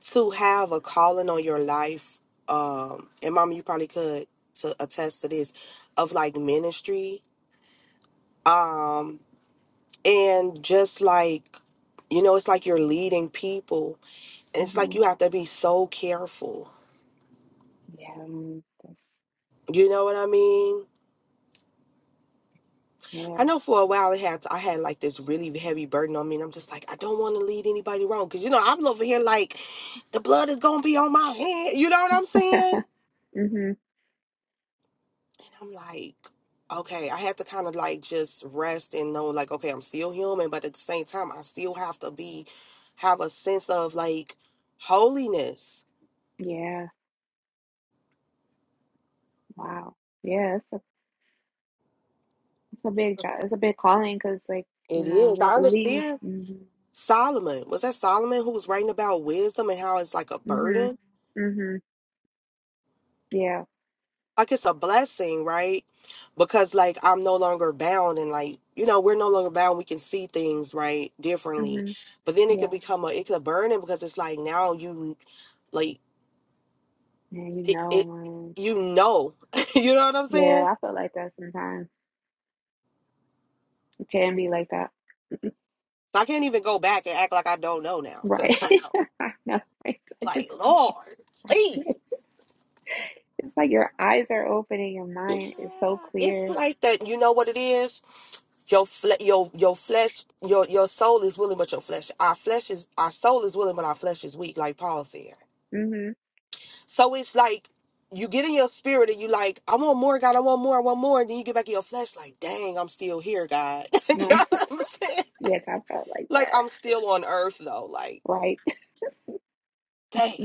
to have a calling on your life um and mama you probably could to attest to this of like ministry um and just like you know it's like you're leading people and it's like hmm you have to be so careful Yeah. mm, That's, you know what i mean i yeah. know for a while it had i had like this really heavy burden on me and i'm just like i don't want to lead anybody wrong because you know i'm over here like the blood is gonna be on my hand you know what i'm saying hmm And I'm like, okay, I had to kind of like just rest and know, like, okay, I'm still human, but at the same time, I still have to be, have a sense of like holiness. Yeah. Wow. Yeah. It's a it's a big job. It's a big calling because like It you know is. we they, I they leave. understand Mm-hmm. Solomon. Was that Solomon who was writing about wisdom and how it's like a Mhm. burden? Mhm. Yeah. Like it's a blessing, right? Because like I'm no longer bound and like, you know, we're no longer bound. We can see things, right, differently. Mhm. But then it could Yeah. become a it's a burden because it's like now you like Man, you it, know, it man. you know you know what i'm Yeah, saying I feel like that sometimes. It can be like that. so i can't even go back and act like i don't know now Right. because i know I know. Right? it's I just like lord I please can't. It's like your eyes are open and your yeah mind is so it's clear. like that you know what it is your fle- your your flesh your your soul is willing but your flesh our flesh is our soul is willing but our flesh is weak like paul said Mhm. so it's like you get in your spirit and you like i want more god i want more i want more and then you get back in your flesh like dang i'm still here god you know Right. what i'm saying Yes, I felt like like that. i'm still on earth though like Right. dang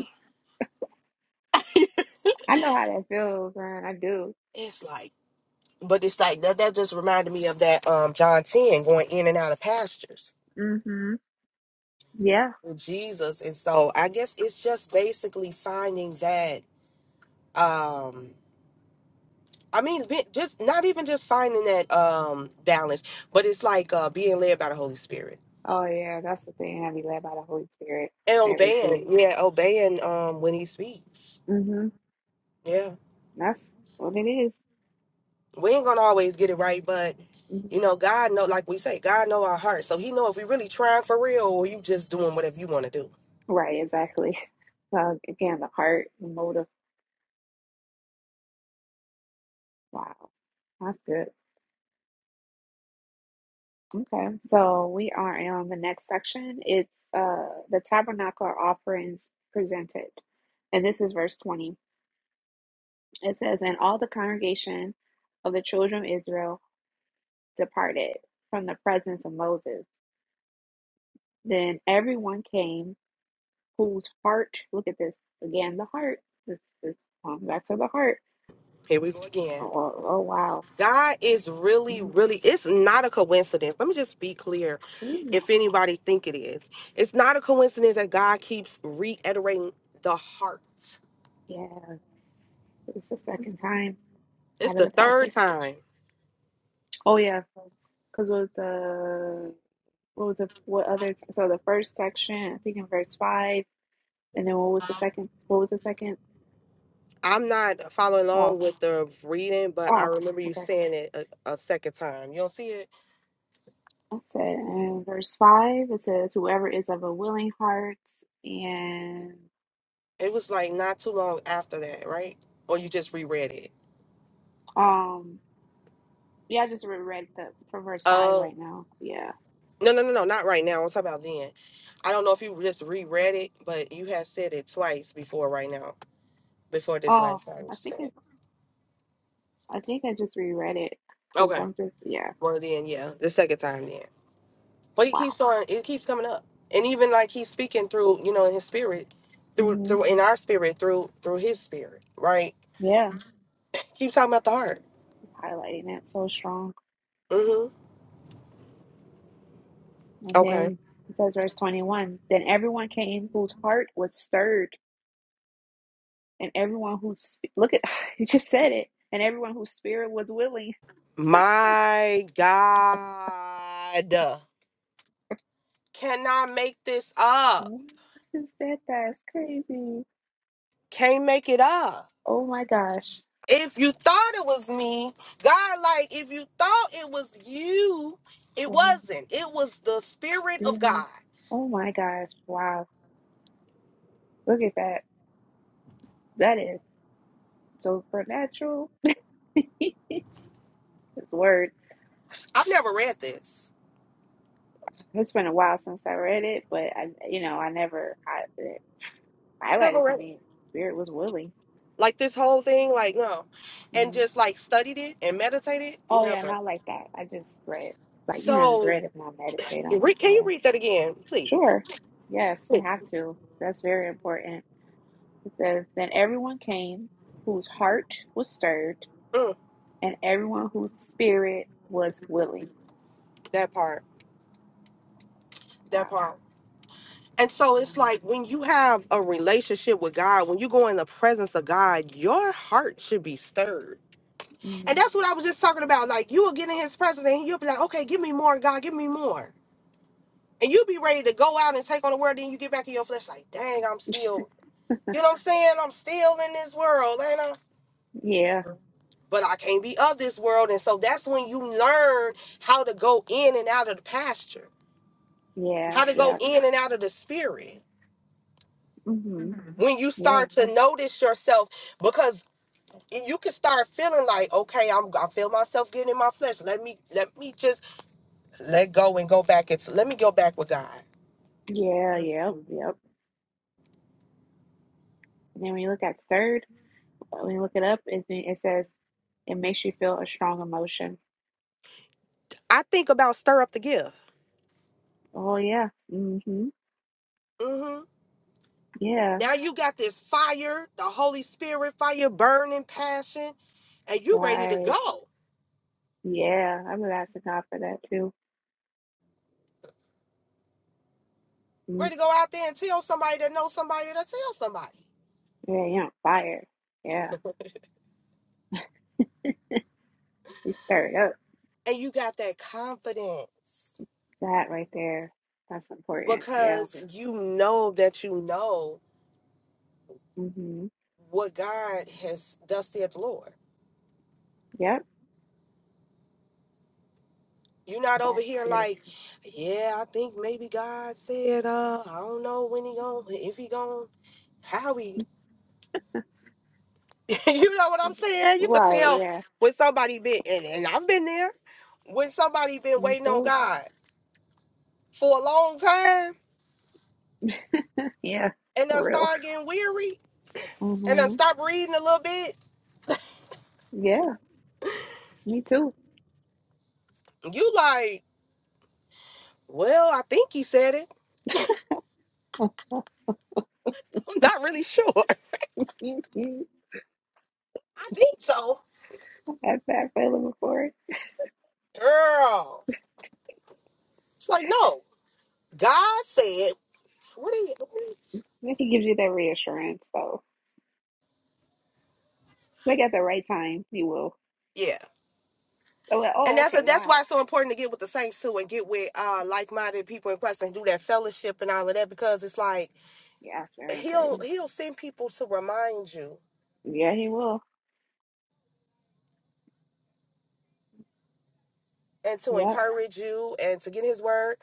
I know how that feels, man. I do. It's like, but it's like that. That just reminded me of that um John ten going in and out of pastures Mhm. Yeah. with Jesus, and so I guess it's just basically finding that. um I mean, be- just not even just finding that um balance, but it's like uh being led by the Holy Spirit Oh yeah, that's the thing. I be led by the Holy Spirit. and and Everything. obeying. Yeah, obeying um when He speaks. Mhm. Yeah, That's what it is. we ain't gonna always get it right, but. Mm-hmm. You know, God know, like we say, God know our hearts. So He know if we really trying for real, or you just doing whatever you want to do. Right, exactly. So again, the heart, the motive. Wow, that's good. Okay, so we are on the next section. It's uh the tabernacle offerings presented, and this is verse twenty. It says, "And all the congregation of the children of Israel departed from the presence of Moses. Then everyone came whose heart. Look at this again. The heart. This is um, back to the heart. Here we go again. Oh, oh oh, wow. God is really, Mhm. really, it's not a coincidence. Let me just be clear Ooh, if anybody think it is. It's not a coincidence that God keeps reiterating the heart. yeah. It's the second time It's out of the the third passage. time. Oh yeah, because with the what was the what other so the first section I think in verse five, and then what was the second? What was the second? I'm not following Oh along with the reading, but I oh remember you okay. saying it a, a second time. You don't see it? I said in verse five it says whoever is of a willing heart and It was like not too long after that, right? Or you just reread it. um yeah I just reread the from verse five Uh, right now yeah no, no, no, no, not right now. I'm talking about then. I don't know if you just reread it, but you had said it twice before right now. before this oh last time you I think said I it. I think I just reread it because Okay. I'm just yeah Well then, yeah, the second time then. But he wow keeps on. It keeps coming up, and even like he's speaking through, you know, in his spirit, through hmm through in our spirit, through through his spirit, right? yeah Keep talking about the heart. just highlighting it so strong. Mm-hmm. And Okay. then it says, verse 21 Then everyone came whose heart was stirred, and everyone whose, look at, you just said it, and everyone whose spirit was willing. My God, cannot make this up. Ooh, I just said that. It's crazy. Can't make it up. Oh my gosh. If you thought it was me, God, like if you thought it was you, it One wasn't. It was the spirit of spirit. God. Oh my gosh. Wow. Look at that. That is supernatural. This word. I've never read this. It's been a while since I read it, but I, you know, I never hi- it I never highlighted to read it. me. Spirit was willing. Like this whole thing, like no. And Mm. just like studied it and meditated, Oh yeah, never. not like that. I just read, like you know, just So read it and I meditate on it. re- can you Yeah, read that again, please? sure. Yes, we Please. have to. That's very important. It says, then everyone came whose heart was stirred, Mm, and everyone whose spirit was willing. that part. That Wow. part. And so it's Um, like when you have a relationship with God, when you go in the presence of God, your heart should be stirred. mm, And that's what I was just talking about. Like you will get in his presence and you'll be like, okay, give me more, God, give me more. And you'll be ready to go out and take on the world. Then you get back in your flesh, like, dang, I'm still You know what I'm saying? I'm still in this world, ain't I? yeah. But I can't be of this world. And so that's when you learn how to go in and out of the pasture, Yeah. how to go Yep. in and out of the spirit. Mhm. When you Yeah. start to notice yourself, because you can start feeling like, okay, I'm I feel myself getting in my flesh. Let me let me just let go and go back. It's let me go back with God. Yeah. Yep. Yep. And then when you look at stirred, when you look it up, it, it says it makes you feel a strong emotion. I think about stir up the gift. Oh yeah. Mhm. Yeah. Now you got this fire, the Holy Spirit fire, burning passion, and you ready to Right. go. Yeah, I'm asking God for that too. Mm. Ready to go out there and tell somebody that knows somebody that tell somebody. Yeah, you're on fire. Yeah, you stirred up. And you got that confidence That right there. That's important. Yeah. because you know that you know hmm what God has thus said the Lord. Yep. You're not over That's here beautiful. like, yeah, I think maybe God said, uh, I don't know when he going, if he going, how he you know what I'm saying? You could Right. tell Yeah. when somebody been and, and I've been there. When somebody been Me waiting on too. God for a long time Yeah. and then For real. start getting weary and then hmm stop reading a little bit, Yeah. Me too. you like, well, I think he said it. I'm not really sure. I You, you think so. had that feeling before. Girl. It's like, no. God said, what is what is And He gives you that reassurance. So, like at the right time, he will. Yeah. Oh, well, And oh that's a, okay. that's God. why it's so important to get with the saints too and get with uh like minded people in Christ and do that fellowship and all of that because it's like Yeah, that's very he'll important. he'll send people to remind you Yeah, he will. and to Yep. encourage you and to get his word.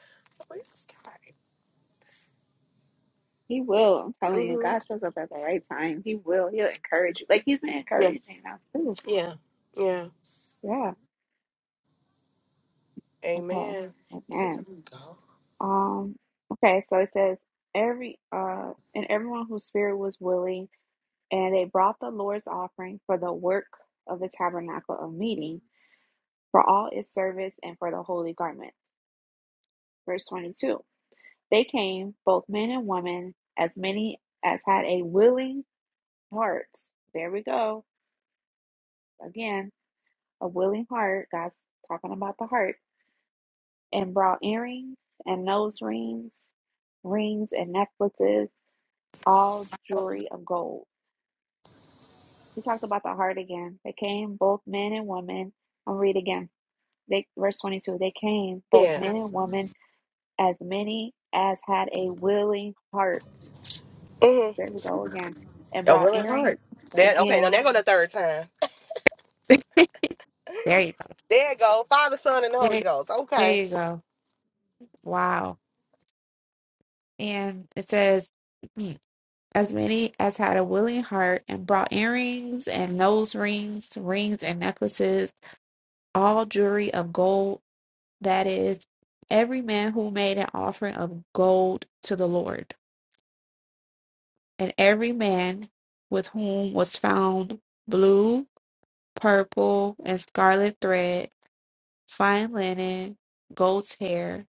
He will. I'm telling you, hmm God shows up at the right time. He will. He'll encourage you. Like he's been Yeah, encouraging us too. yeah, yeah. Yeah. Okay. Amen. Is it Amen. time to go? Um. Okay. So it says every uh and everyone whose spirit was willing, and they brought the Lord's offering for the work of the tabernacle of meeting, for all its service, and for the holy garment. Verse twenty-two. They came, both men and women, as many as had a willing heart. There we go again a willing heart, God's talking about the heart, and brought earrings and nose rings, rings and necklaces, all jewelry of gold. He talked about the heart again. They came, both men and women. I'll read again. They, verse 22 They came, both Yeah. men and women, as many as had a willing heart. hmm There we go again. And A brought willing heart. earrings That okay. Now again. there go the third time. There you go. There you go. Father, Son, and the Holy There, Ghost. there Okay. you go. Wow. And it says, As many as had a willing heart and brought earrings and nose rings, rings and necklaces, all jewelry of gold, that is, every man who made an offering of gold to the Lord, and every man with whom was found blue, purple, and scarlet thread, fine linen, goat's hair,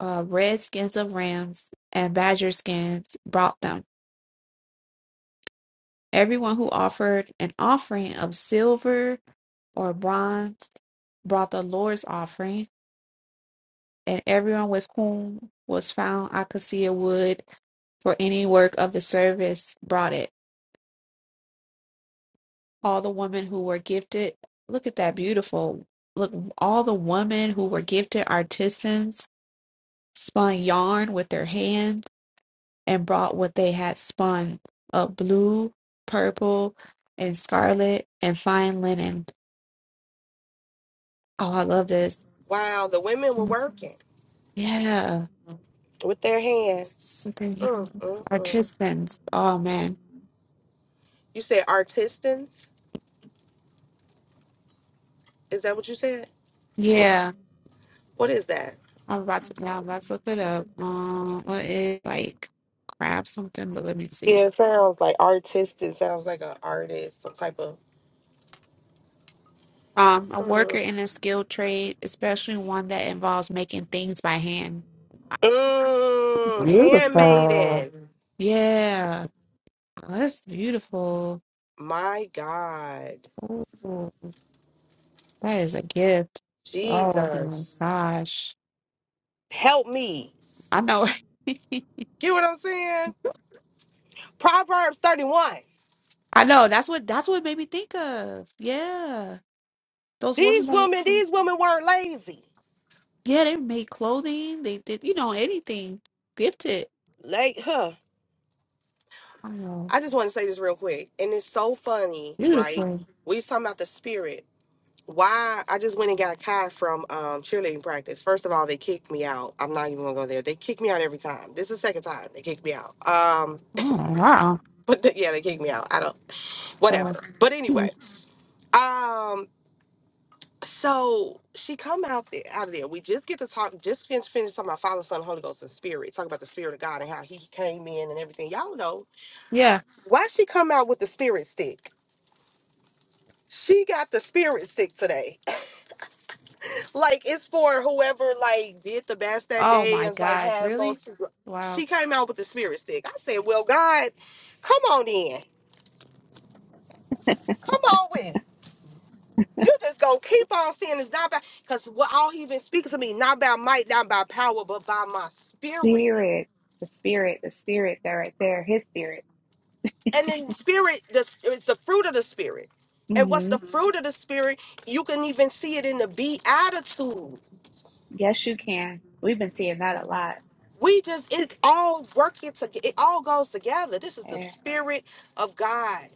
uh, red skins of rams, and badger skins, brought them. Everyone who offered an offering of silver or bronze brought the Lord's offering, and everyone with whom was found I could see a wood for any work of the service brought it. All the women who were gifted, look at that beautiful. Look, all the women who were gifted artisans spun yarn with their hands and brought what they had spun of blue, purple, and scarlet and fine linen. Oh, I love this. Wow. The women were Mm, working Yeah. with their hands. Okay. Mm, mm, Our mm. Oh man. You said artisans. Is that what you said? Yeah. What is that? I'm about to yeah, I'm about to look it up. Um what is like crab something, but let me see. Yeah, it sounds like artist. It sounds like an artist, some type of. Um a worker Mm, in a skilled trade, especially one that involves making things by hand. mm, Beautiful. handmaiden. Yeah. Oh, that's beautiful. My God. Ooh, that is a gift. Oh my Jesus. gosh. Help me. I know. Get what I'm saying? Proverbs 31. I know. That's what that's what it made me think of. Yeah. Those These women. women, that these women weren't lazy. Yeah, they made clothing. They did, you know, anything. Gifted. Like, huh. Oh, I just want to say this real quick. And it's so funny, right? beautiful. We was talking about the spirit. Why I just went and got Kai from um, cheerleading practice. First of all, they kicked me out. I'm not even gonna go there. They kick me out every time. This is the second time they kicked me out. Um, Oh, wow. but the, yeah, they kicked me out. I don't. Uh, whatever. But hmm. anyway, um, so she come out there out of there. We just get to talk, just finish finish talking about Father, Son, Holy Ghost, and Spirit. Talk about the Spirit of God and how He came in and everything. Y'all know yeah. why she come out with the Spirit stick. She got the spirit stick today. Like it's for whoever like did the best that Oh, day my and like God. had Really? most. Wow. She came out with the spirit stick. I said, "Well, God, come on in, come on with it." You just gonna keep on saying it's not about because what all he's been speaking to me, not by might, not by power, but by my spirit. Mhm. Spirit, the spirit, the spirit that right there, his spirit. And then spirit, the it's the fruit of the spirit. And what's hmm the Mhm. fruit of the spirit? You can even see it in the beatitudes Yes, you can. We've been seeing that a lot. We just it all working together. It all goes together. This is the Eh, spirit of God.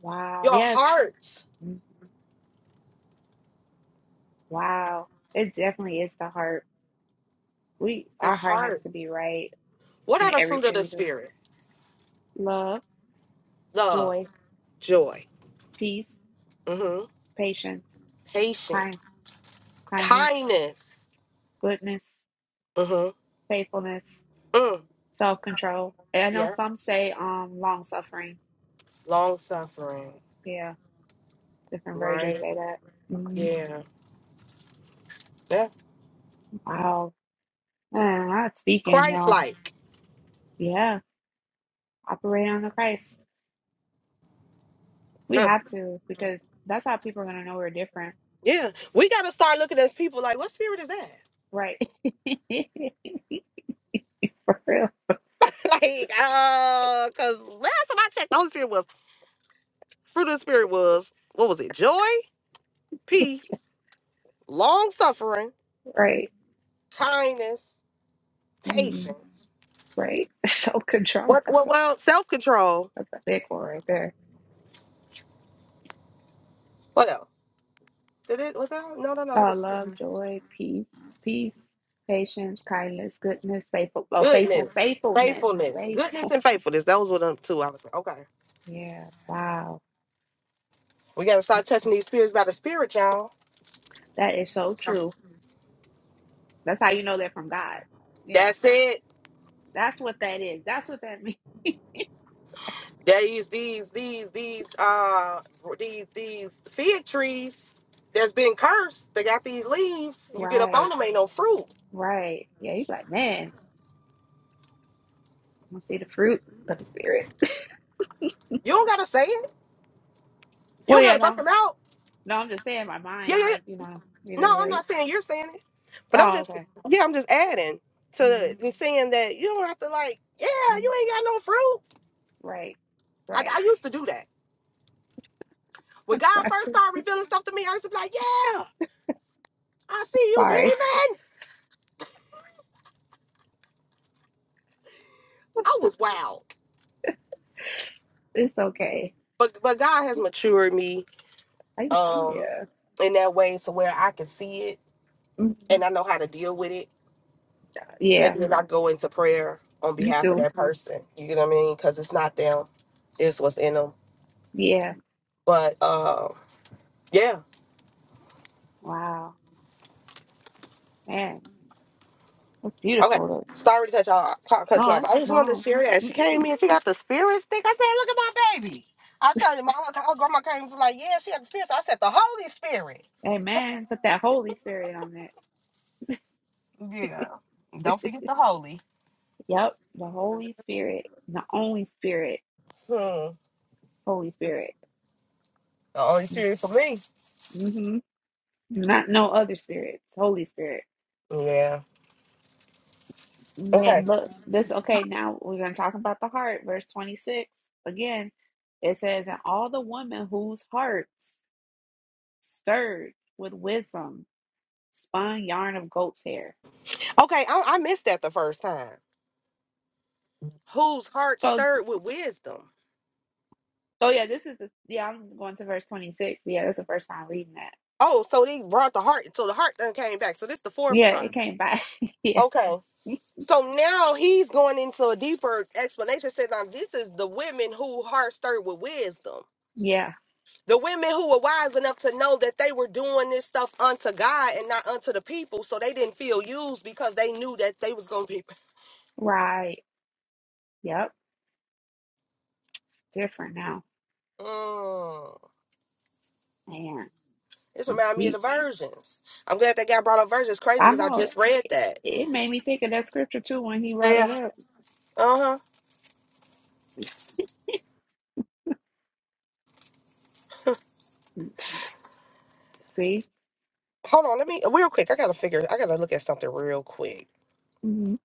Wow. Your Yeah. heart, mm, Wow. It definitely is the heart. We the our heart has heart. to be right What are in the fruit of everything the we do. spirit? Love, Love, joy, joy, peace, hmm patience, patience, kindness, kindness. goodness, hmm faithfulness, self control. I know Yeah. some say um long suffering. Long suffering. Yeah, different versions Right? say that. Mm, Yeah. Yeah. wow, man, I'm speaking Christ now. like. Yeah, operate on the Christ. We Huh. have to because that's how people are gonna know we're different, Yeah. We gotta start looking at people like, what spirit is that? right? For real, like, uh, cause last time I checked, the Holy Spirit was fruit of the spirit was what was it? Joy, peace, long suffering, right? kindness, Mm, patience. right. Self control. What That's what a well self control. that's a big one right there What else? Did it was that no no no that Uh, was love, joy, peace, peace, patience, kindness, goodness, faithful. Oh, faithful, goodness, faithfulness, faithfulness, goodness faithful. and faithfulness. Those were the two I was like, okay. Yeah, wow, We gotta start touching these spirits by the spirit, y'all. that is so true. That's how you know they're from God. Yeah, That's it. that's what that is. That's what that means. There is these these these uh these these fig trees that's been cursed. They got these leaves. You get up on Right, them, ain't no fruit. right. Yeah, he's like, man, I'm gonna see the fruit of the spirit. You don't gotta say it. You well, don't yeah, gotta no, bust I'm- them out. no, I'm just saying my Yeah, mind, yeah. yeah. like you know, you No, know, I'm like, not saying you're saying it, but I'm oh, just okay, yeah, I'm just adding mm to and saying that you don't have to like yeah, mm, you ain't got no fruit. right, I, right. I used to do that when I'm God sorry, first started revealing stuff to me. I used to be like, yeah, I see you, sorry. demon. I was wild, It's okay. but but God has matured me I, um yeah. in that way to where I can see it Mm-hmm. and I know how to deal with it. And Yeah, then I go into prayer on me behalf of too. that person. You get what I mean? Because it's not them, it's what's in them. Yeah. But um, yeah, Wow. Man, that's okay. beautiful. Sorry to cut y'all cut though. cut you No, off. that's I just wanted to no. share that. She came Mm-mm. in, she got the spirit stick. I said, look at my baby. I tell you, my, her grandma came and was like, yeah, she had the spirit. So I said, the Holy Spirit. Amen. Put that Holy Spirit on it. Yeah. Don't forget the Holy. Yep. The Holy Spirit. The only Spirit. Hmm. Holy Spirit. The Holy Mm, Spirit for me. Mm-hmm. Not no other spirits. Holy Spirit. Yeah. And Okay. then look, this okay, now we're gonna talk about the heart. Verse 26. Again, it says, And all the women whose hearts stirred with wisdom spun yarn of goat's hair. Okay, I, I missed that the first time. Whose heart So. stirred with wisdom? Oh yeah, this is the yeah. I'm going to verse twenty six. Yeah, that's the first time reading that. Oh, so they brought the heart. So the heart then came back. So this the fourth Yeah, time. it came back. yeah, Okay. So now he's going into a deeper explanation. Says, now this is the women who heart stirred with wisdom. yeah, The women who were wise enough to know that they were doing this stuff unto God and not unto the people. So they didn't feel used because they knew that they was going to be. right. Yep, it's different now. Mm. Man, This that's remind me of the deep. virgins. I'm glad they got brought up virgins. Crazy I because I know it, just read that. it made me think of that scripture too when he brought it up. Uh-huh. See, Hold on, let me real quick. I gotta figure I gotta look at something real quick. mm-hmm.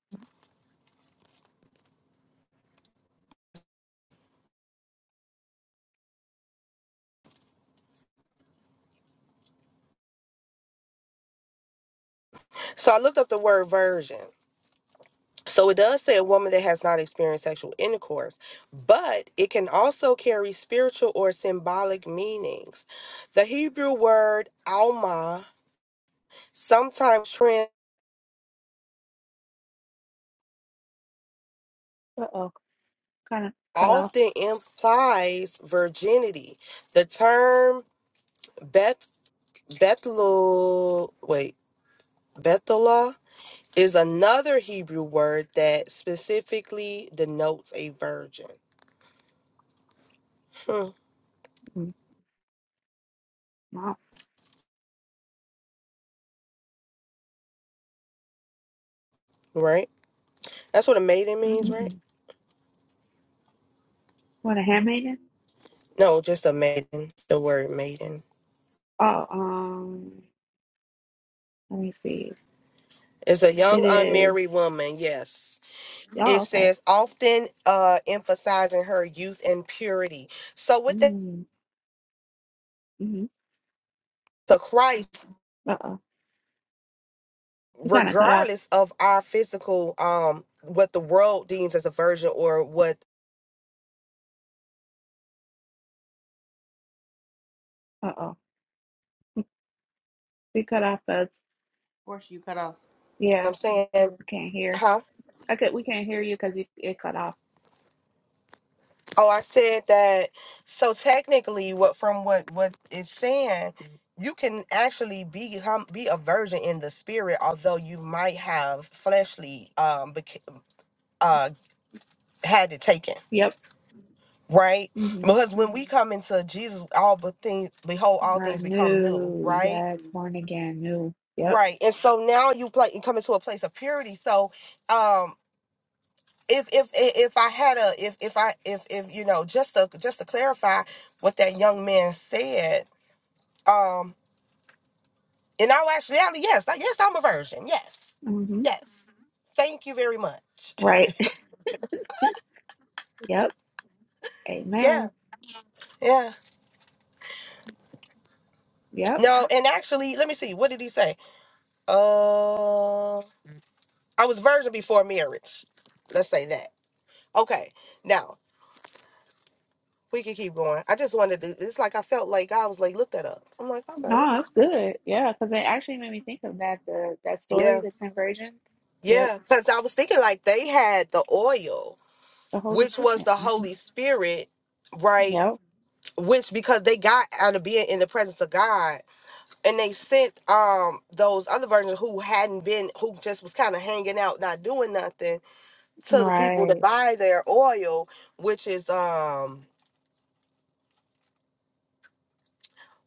So I looked up the word virgin. So it does say a woman that has not experienced sexual intercourse, but it can also carry spiritual or symbolic meanings. The Hebrew word alma sometimes trans uh oh, kind of cut off. often implies virginity. The term Beth Bethlul wait, Bethela is another Hebrew word that specifically denotes a virgin. Hmm, Mm, Wow. Right? That's what a maiden means, right? Mm-mm. What a handmaiden. No, just a maiden. It's the word maiden. Oh, um, let me see. It's a It young is. unmarried woman, yes. It Oh, okay. says often uh emphasizing her youth and purity. So with that Mm-hmm. the Christ, Uh oh, you kind of cut off. regardless of our physical um what the world deems as a virgin or what Uh oh. We cut off us. Of course, you cut off. Yeah, I'm saying, we can't hear. huh? I could, we can't hear you because it it cut off. Oh, I said that. So technically, what from what what it's saying, you can actually be hum- be a virgin in the spirit, although you might have fleshly um bec- uh had it taken, Yep. right? Mm-hmm. Because when we come into Jesus, all the things behold, all Or things become new, new. right? Yes, born again, new. Yep. Right. And so now you play you come into a place of purity. So, um. If, if if I had a if if I if if you know just to just to clarify what that young man said Um, in all actuality, yes, I- yes, I'm a virgin. Yes, Mm-hmm. yes. Thank you very much. Right. Yep. Amen. Yeah, yeah. Yep. No, and actually, let me see. What did he say? Uh, I was virgin before marriage. Let's say that. Okay. Now we can keep going. I just wanted to. It's like I felt like I was like, look that up. I'm like, okay, let me. No, that's See. good. Yeah, because it actually made me think of that the that story, Yeah, the ten virgins. Yep. yeah. Because I was thinking like they had the oil, The Holy which was Spirit. the hmm Holy Spirit, right? Yep. Which because they got out of being in the presence of God and they sent um those other versions who hadn't been who just was kind of hanging out not doing nothing to the people to Right. buy their oil which is um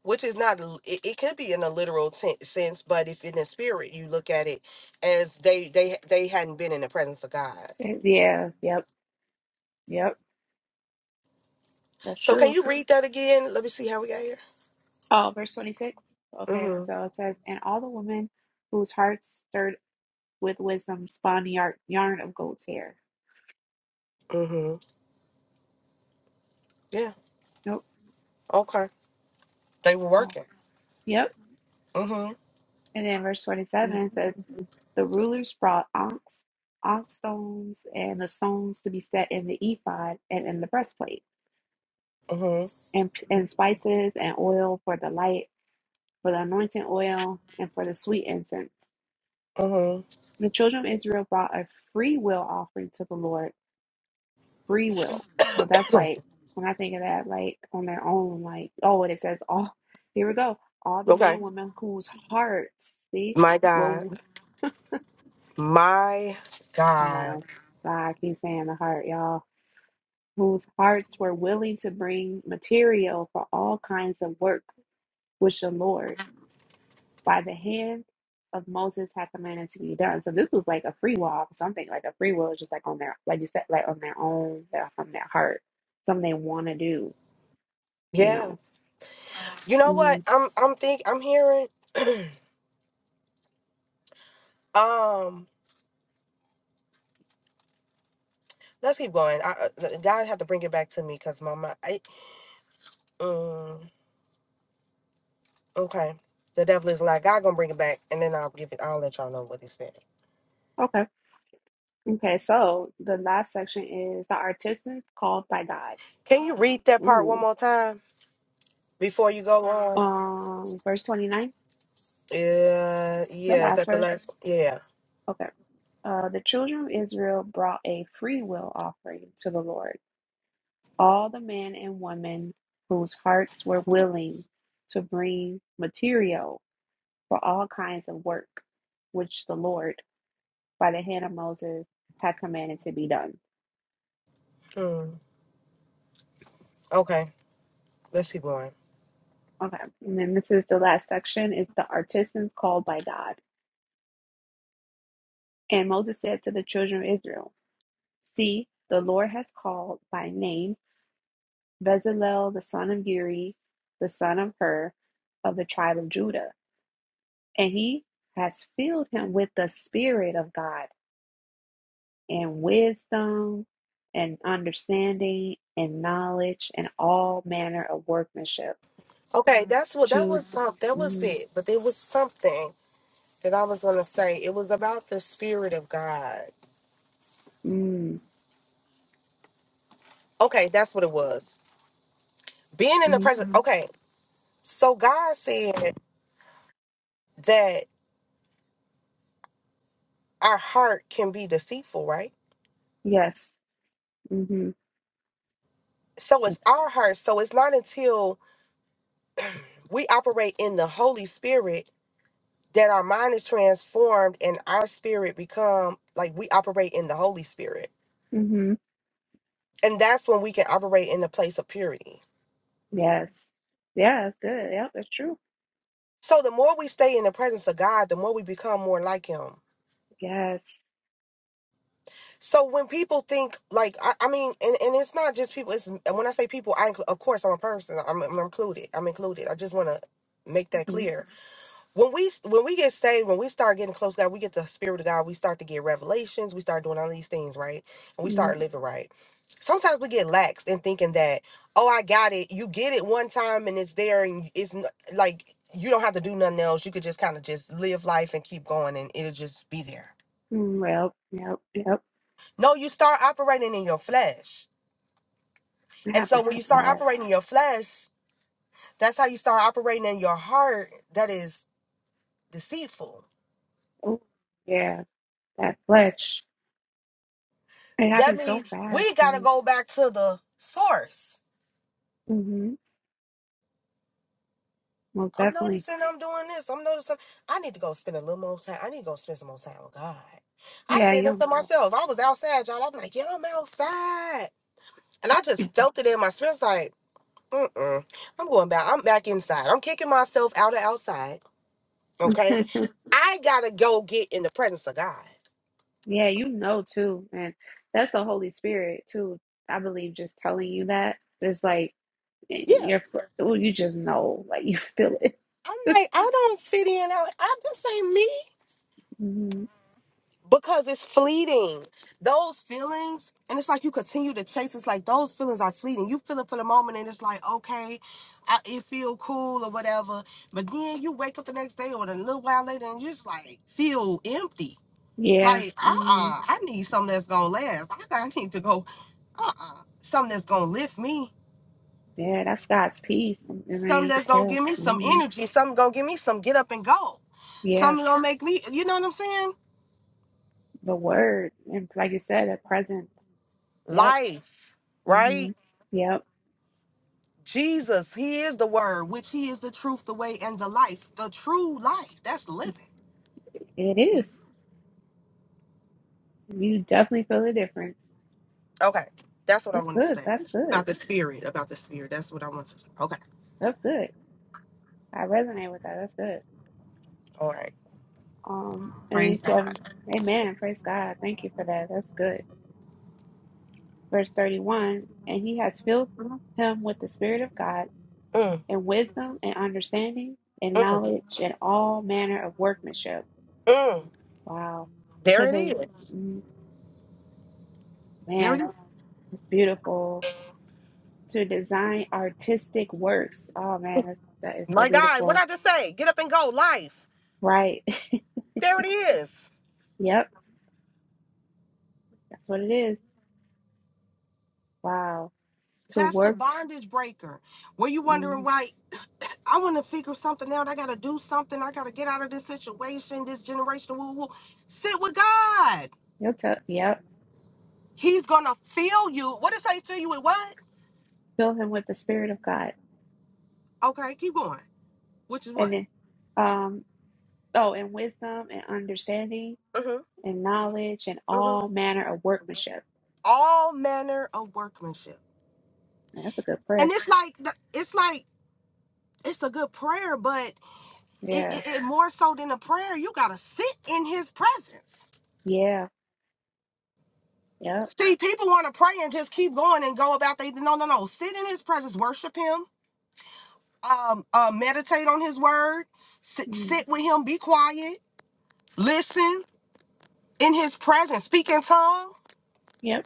which is not l- it, it could be in a literal ten- sense but if in the spirit you look at it as they they they hadn't been in the presence of god Yeah. Yep. Yep. That's so can true. you read that again let me see how we got here Oh, verse twenty six. Okay, mm-hmm so it says, and all the women whose hearts stirred with wisdom spun yar- yarn of goat's hair. mm-hmm yeah Nope. okay they were Oh, working Yep. mm-hmm And then verse 27 it says, The rulers brought onyx, onyx stones, and the stones to be set in the ephod and in the breastplate, mm-hmm and, and spices and oil for the light, for the anointing oil, and for the sweet incense. mm-hmm The children of Israel brought a free will offering to the Lord free will. So that's like when I think of that, like on their own, like oh, and it says oh, Here we go. All the men okay and women whose hearts, see, my were god my come god on, I keep saying the heart, y'all, whose hearts were willing to bring material for all kinds of work which the Lord by the hand of Moses had commanded to be done. So this was like a free will. Something like a free will is just like on their, like you said, like on their own, their, from their heart, something they want to do, you Yeah. know. You know Mhm. what? I'm I'm think I'm hearing um let's keep going. I uh, God have to bring it back to me cuz my mind I um okay. The devil is like God going to bring it back and then I'll give it I'll let y'all know what he said. Okay. Okay. So the last section is the artisans called by God. Can you read that part one Ooh. more time before you go on? Um, verse 29, Yeah. the Yeah, is last that the verse. last Yeah. Okay. Uh, the children of Israel brought a free will offering to the Lord. All the men and women whose hearts were willing to bring material for all kinds of work, which the Lord, by the hand of Moses, had commanded to be done. Hmm. Okay. Let's keep going. Okay. And then this is the last section. It's the artisans called by God. And Moses said to the children of Israel, See, the Lord has called by name Bezalel the son of Uri, the son of Hur, of the tribe of Judah, and he has filled him with the Spirit of God and wisdom and understanding and knowledge and all manner of workmanship Okay, that's what that was to some that was mm, it, but there was something that I was going to say. It was about the spirit of God. mm, Okay, that's what it was. being in the mhm. presence. Mhm. Okay, so God said that our heart can be deceitful, right? yes hmm So it's our heart. So it's not until we operate in the Holy Spirit that our mind is transformed and our spirit become like we operate in the Holy Spirit. hmm And that's when we can operate in the place of purity. yes yeah that's good yep that's true So the more we stay in the presence of God, the more we become more like him. yes So when people think like I, I mean, and, and it's not just people. It's and when I say people, I inclu- of course I'm a person. I'm, I'm included. I'm included. I just want to make that hmm clear. When we when we get saved, when we start getting close to God, we get the Spirit of God. We start to get revelations. We start doing all these things right, and we start living right. Sometimes we get lax in thinking that oh I got it. You get it one time and it's there, and it's n- like you don't have to do nothing else. You could just kind of just live life and keep going, and it'll just be there. Mm, Yep, yep, yep. No, you start operating in your flesh It And so happens when so you start fast. operating in your flesh, that's how you start operating in your heart that is deceitful. Oh, yeah, that flesh. It That happens so means fast. we got to go back to the source. Mm-hmm. Most I'm definitely. noticing I'm doing this. I'm noticing I need to go spend a little more time. I need to go spend some more time with God. I Yeah, said that you to know. myself. I was outside, y'all. I'm like, yeah, I'm outside. And I just felt it in my spirit. It's like, mm-mm. I'm going back. I'm back inside. I'm kicking myself out of outside. Okay. I gotta go get in the presence of God. yeah, you know too. And that's the Holy Spirit too. I believe just telling you that. It's like Yeah. you're, well, you just know, like you feel it. I'm like, I don't fit in. I, I this ain't me hmm because it's fleeting. Those feelings, and it's like you continue to chase. It's like those feelings are fleeting. You feel it for the moment, and it's like okay, I, it feel cool or whatever. But then you wake up the next day or a little while later, and you just like feel empty. Yeah. Like uh hmm uh I need something that's gonna last. I, I need to go uh uh something that's gonna lift me. Yeah, that's God's peace. I mean, Something you can that's gonna tell. give me some hmm energy. Something gonna give me some get up and go. Yeah, Something gonna make me. You know what I'm saying? the word. And like you said, the presence. Yep. life, hmm right? Yep, Jesus, He is the Word, which He is the truth, the way, and the life. The true life. That's living. it is. You definitely feel the difference. Okay. That's what I That's wanted to good. say That's good. about the spirit. About the spirit. That's what I wanted to say. Okay. That's good. I resonate with that. That's good. All right. Um, and Praise he said, God. Amen. Praise God. Thank you for that. That's good. Verse 31 And he has filled him with the Spirit of God Mm, and wisdom and understanding and mm, knowledge and all manner of workmanship. mm. Wow. There To the it is. mm, There it man, is. it's beautiful. To design artistic works. Oh man, that's, that is so My God, what beautiful I just say? Get up and go. Life. Right. There it is. Yep. That's what it is. Wow. To That's the work, bondage breaker. Were you wondering mm, why I want to figure something out. I got to do something. I got to get out of this situation, this generation. Woo, woo. Sit with God. he'll tell, yep. He's going to fill you. What did it say? Fill you with what? Fill him with the Spirit of God. Okay, keep going. Which is And what? then, um, oh, and wisdom and understanding hmm and knowledge and hmm all manner of workmanship. All manner of workmanship. Man, that's a good And prayer. it's like, the- it's like, it's a good prayer, but it, Yeah. it, it more so than a prayer, you got to sit in his presence. Yeah. Yep. See, people want to pray and just keep going and go about they. No, no, no. Sit in his presence, worship him um, uh, meditate on his word, sit, Mm, sit with him, be quiet, listen in his presence, speak in tongues. yep.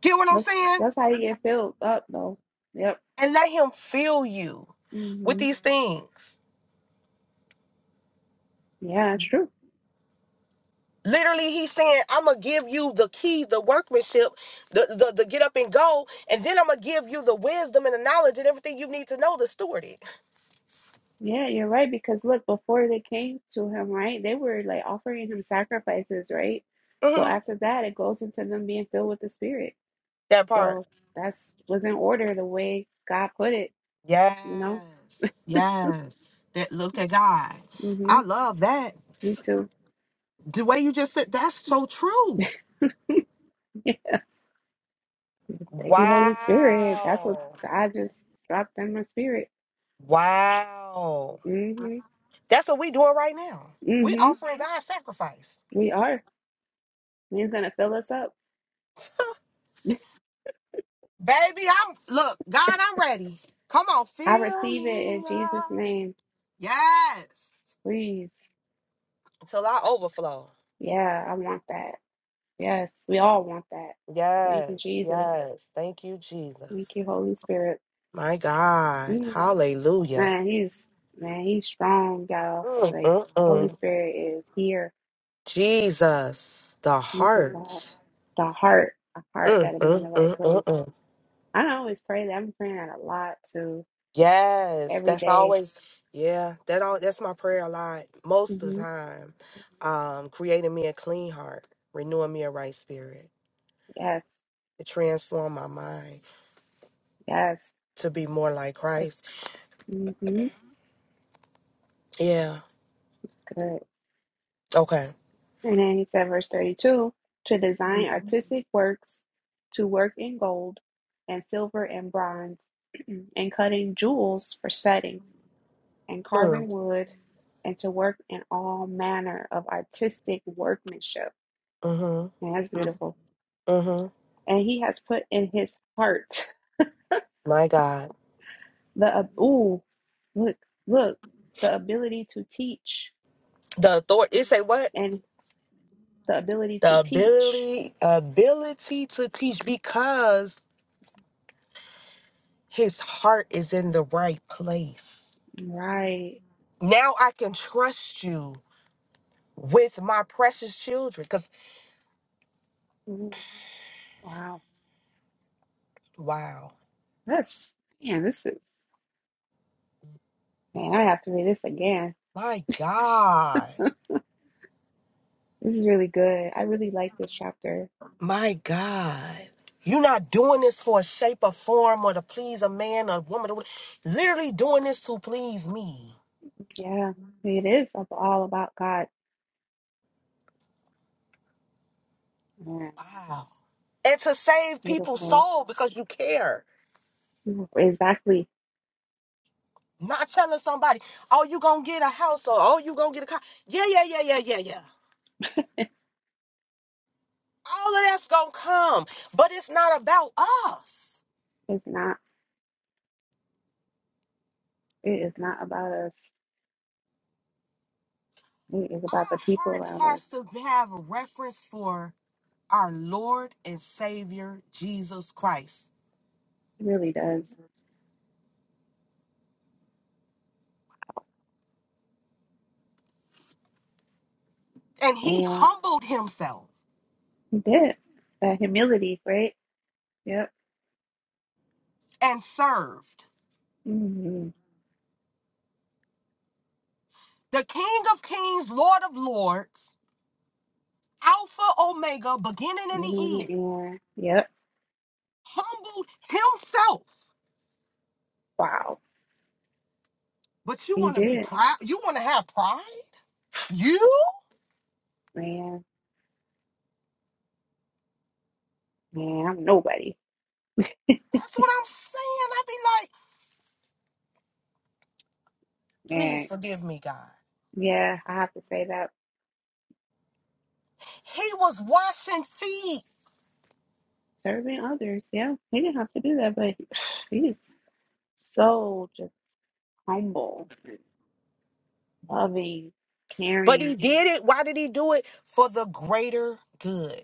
Get what I'm That's, saying? that's how you get filled up, though. Yep. And let him fill you with Mm-hmm. these things. Yeah, true. Literally, he's saying, I'm gonna give you the keys, the workmanship, the, the the get up and go, and then I'm gonna give you the wisdom and the knowledge and everything you need to know to steward it. Yeah, you're right. Because look, before they came to him, right, they were like offering him sacrifices, right? So hmm after that, it goes into them being filled with the Spirit. That part. So that's was in order the way God put it, Yes. you know? Yes. That look at God. I Mm-hmm. love that. Me too. The way you just said, that's so true. Thank you, Holy Spirit. That's what Wow. God just dropped in my spirit. Wow. hmm That's what we doing right now. We hmm offering God sacrifice. We are. He's gonna fill us up. Baby, I'm look, God, I'm ready. Come on, I fill receive it in me Jesus' up. name. Yes. Please. Till I overflow. Yeah, I want that. Yes, we all want that. Thank Yes. you, Jesus. Yes. Thank you, Thank Jesus. you, Holy Spirit. My God. Mm. Hallelujah. Man, he's man, he's strong, y'all. Mm, Like mm, the Holy mm. Spirit is here. Jesus. The He's the God, heart. the heart, a heart Mm, mm, that'll be in the mm, right mm, place. mm. I don't always pray that. I'm praying that a lot too, Yes, every that's day. always yeah, that all that's my prayer a lot most of the Mm-hmm. time. Um, creating me a clean heart, renewing me a right spirit, Yes, to transform my mind yes. to be more like Like, Christ. Mm-hmm. Yeah. It's good. Okay. And then he said, verse 32 to design artistic works, to work in gold and silver and bronze, and cutting jewels for setting. and Mm. carving wood, and to work in all manner of artistic workmanship. Mm-hmm. And that's beautiful. Mm-hmm. And he has put in his heart My God. the ab- ooh, look, look, the ability to teach The authority it say what? and the ability to The teach. ability ability to teach because his heart is in the right place. Right. Now I can trust you with my precious children. Ooh, wow. Wow. That's man. This is man. I have to read this again. My God. This is really good. I really like this chapter. My God. You're not doing this for a shape or form or to please a man or woman. or wh- Literally doing this to please me. Yeah, it is ab- all about God. Man, Wow. And to save people's soul because you care. Beautiful. Exactly Not telling somebody, oh, you gonna get a house or oh, you gonna get a car. Yeah, yeah, yeah, yeah, yeah, yeah. All of that's gonna come, but it's not about us. It's not, it is not about us. It is about the Our people heart around us. has to have reference for our Lord and Savior Jesus Christ. It really does. And he And humbled himself he did. That humility, right? Yep. and served Mm-hmm. the King of Kings, Lord of Lords, Alpha Omega, beginning and the In end. the air. Yep. Humbled himself. Wow. But you He want to be did. proud? You want to have pride? You? Man. Man, I'm nobody. That's what I'm saying. I'd be like, please Man. forgive me, God. Yeah, I have to say that. He was washing feet, Serving others. Yeah. He didn't have to do that, but he's so just humble, loving, but he caring. did it. Why did he do it? For the greater good.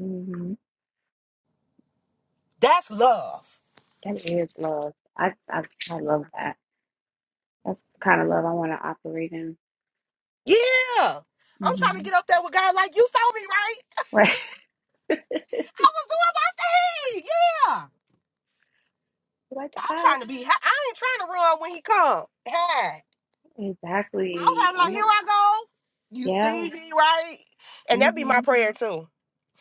Mm-hmm. That's love. That is love. I, I I love that. That's the kind of love I want to operate in. Yeah. I'm trying to hmm get up there with God like you saw me, right? Right. I was doing my thing. Yeah. Like I'm I trying to be I I ain't trying to run when he come. Hey. I'm exactly. trying to I like, here want. I go. You Yeah. see me, right? And that'd be my hmm prayer too.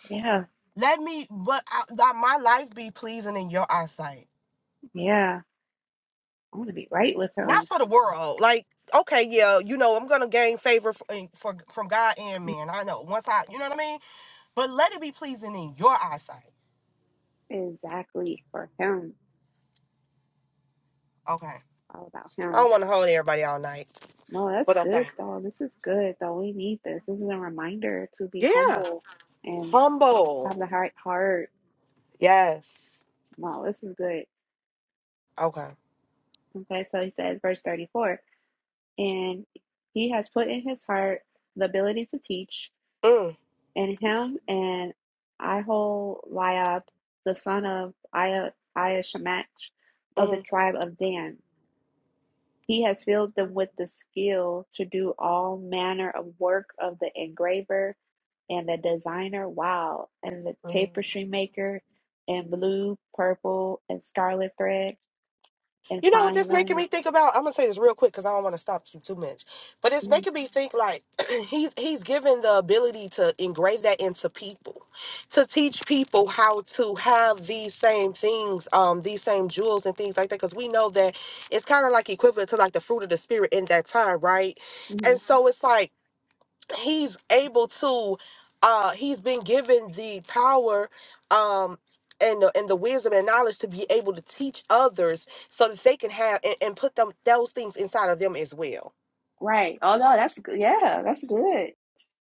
Yeah. Let me but I, that my life be pleasing in your eyesight. Yeah. I want to be right with Not him. for the world. Like, okay, yeah, you know, I'm gonna gain favor for, for from God and man. I know. Once I you know what I mean? But let it be pleasing in your eyesight. Exactly for him. Okay. All about I him. don't wanna hold everybody all night. Well, that's But okay. good though. This is good though. We need this. This is a reminder to be Yeah, humble and humble. have the right heart. Yes. Wow, this is good. Okay. Okay, so he says, verse 34, and he has put in his heart the ability to teach. Mm, and him and Iholiab, the son of Ia- of hmm the tribe of Dan. He has filled them with the skill to do all manner of work of the engraver and the designer, wow, and the hmm tapestry maker, and blue, purple, and scarlet thread, and You know what fine this making me linen. think about? I'm gonna say this real quick because I don't want to stop you too much. But it's making me think like he's he's given the ability to engrave that into people, to teach people how to have these same things, um, these same jewels and things like that. Because we know that it's kind of like equivalent to like the fruit of the spirit in that time, right? Mm-hmm. And so it's like he's able to uh he's been given the power um and the, and the wisdom and knowledge to be able to teach others so that they can have and, and put them those things inside of them as well Right. Oh no, that's good. Yeah, that's good.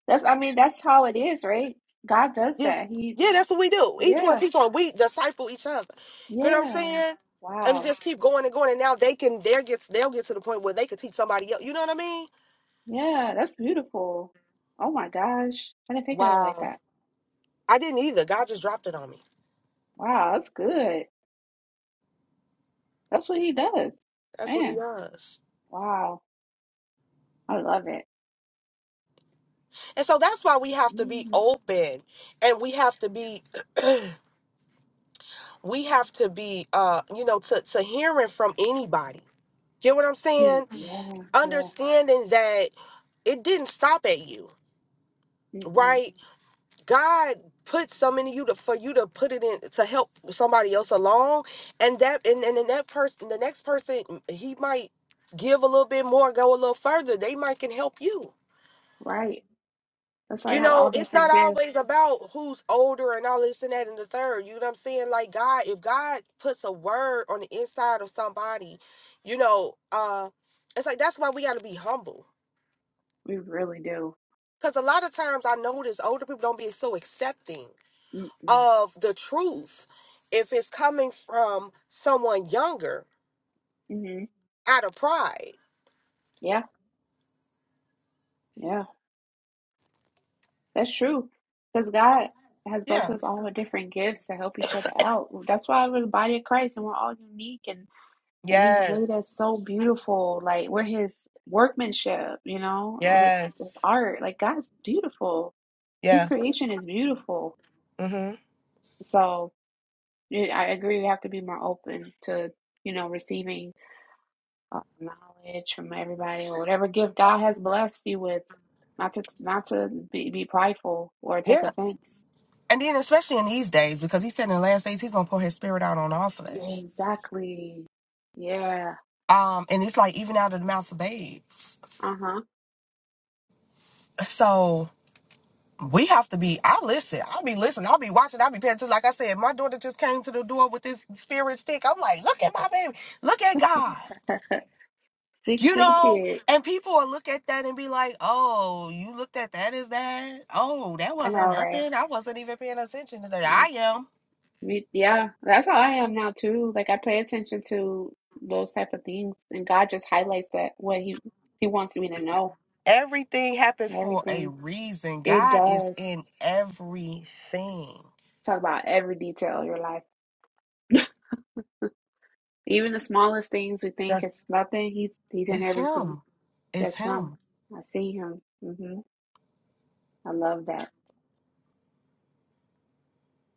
That's I mean, that's how it is, right? God does yeah that. He, yeah that's what we do each one yeah. teach one we disciple each other you know what i'm Yeah. saying and Wow. just keep going and going and now they can they'll get they'll get to the point where they could teach somebody else you know what i mean Yeah, that's beautiful. Oh my gosh. I didn't think of it like wow that. i didn't either god just dropped it on me Wow, that's good. That's what he does. that's what he Man, does wow. I love it. and so that's why we have to be Mm, open and we have to be we have to be uh you know to to hearing from anybody get what i'm mm, saying yeah, yeah. understanding that it didn't stop at you Mm-mm. right god put something in you to for you to put it in to help somebody else along and that and, and then that person the next person he might give a little bit more go a little further they might can help you Right. That's why we you have know, all it's not different gifts. always about who's older and all this and that and the third. You know what I'm saying? Like God, if God puts a word on the inside of somebody, you know, uh, it's like that's why we got to be humble. We really do. Because a lot of times I notice older people don't be so accepting Mm-mm. of the truth if it's coming from someone younger hmm out of pride. Yeah, yeah. That's true. Because And- God has blessed Yeah. us all with different gifts to help each other out. That's why we're the body of Christ and we're all unique and. And he's Yes, made us so beautiful. Like we're his workmanship, you know, his yes, his art. Like God's beautiful. His yeah, creation is beautiful. mm-hmm, So yeah, I agree. We have to be more open to, you know, receiving uh, knowledge from everybody or whatever gift God has blessed you with. Not to not to be, be prideful or take offense. And then, especially in these days, because he said in the last days he's gonna pour his spirit out on all Yeah, flesh. exactly. Yeah. Um, and it's like even out of the mouth of babes. Uh huh. So we have to be. I listen. I'll be listening. I'll be watching. I'll be paying attention. Like I said, my daughter just came to the door with this spirit stick. I'm like, look at my baby. Look at God. So you can You see the know, kids. and people will look at that and be like, "Oh, you looked at that as that? Oh, that I know, wasn't right? nothing. I wasn't even paying attention to that. I am." Me- Yeah, that's how I am now too. Like I pay attention to those type of things, and God just highlights that what He He wants me to know. Everything happens for a Everything reason. it God is does in everything. talk about every detail of your life, even the smallest things we think it's That's nothing. He's He's in it's everything. him. It's That's Him. him. I see Him. hmm I love that.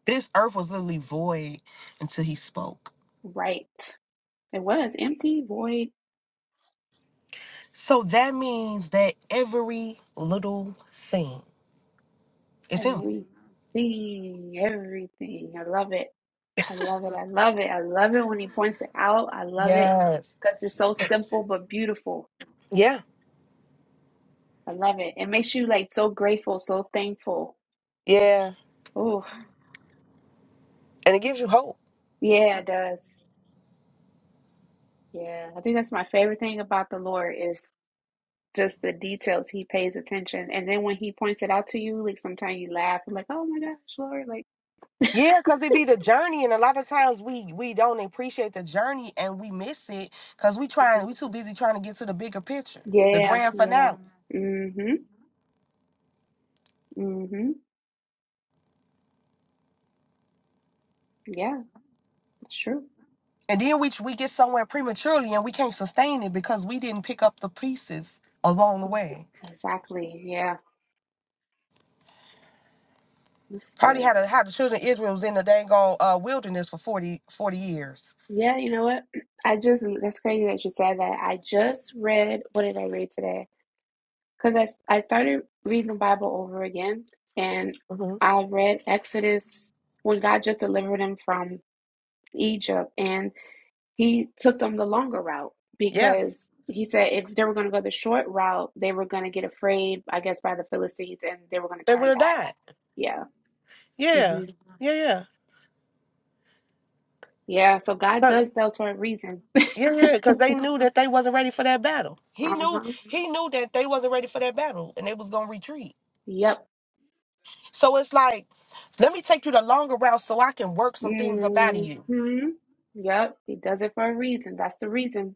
This earth was literally void until he spoke. Right. It was empty, void, So that means that every little thing is him. everything, everything. I love it. I love it. I love it. I love it when he points it out. I love it Yes. because it's so simple but beautiful. Yeah. I love it. It makes you like so grateful, so thankful. Yeah. Oh, And it gives you hope. yeah, it does. Yeah, I think that's my favorite thing about the Lord is just the details. He pays attention, and then when he points it out to you, like sometimes you laugh, You're like, "Oh my gosh, Lord!" Like, Yeah, because it be the journey, and a lot of times we we don't appreciate the journey and we miss it because we trying mhm. we too busy trying to get to the bigger picture, the yeah, grand yeah, finale. mm-hmm, mm-hmm, yeah, that's true. And then we we get somewhere prematurely and we can't sustain it because we didn't pick up the pieces along the Mhm. way. Exactly. Yeah, this is Probably good. had a, had the children of Israel was in the dang on uh, wilderness for 40 40 years. Yeah, you know what? I just, that's crazy that you said that. I just read, what did I read today? Because I, s- I started reading the Bible over again, and hmm I read Exodus when God just delivered him from Egypt, and he took them the longer route Yeah, because he said if they were going to go the short route, they were going to get afraid, I guess, by the Philistines, and they were going to they would turn have back. died. Yeah. Yeah, hmm yeah, yeah. Yeah. So God 'Cause- does those for a reason. yeah, yeah, because they knew that they wasn't ready for that battle. He knew Uh-huh. he knew that they wasn't ready for that battle and they was gonna retreat. Yep. So it's like, let me take you the longer route so I can work some things up out of you. hmm Yep, he does it for a reason. That's the reason.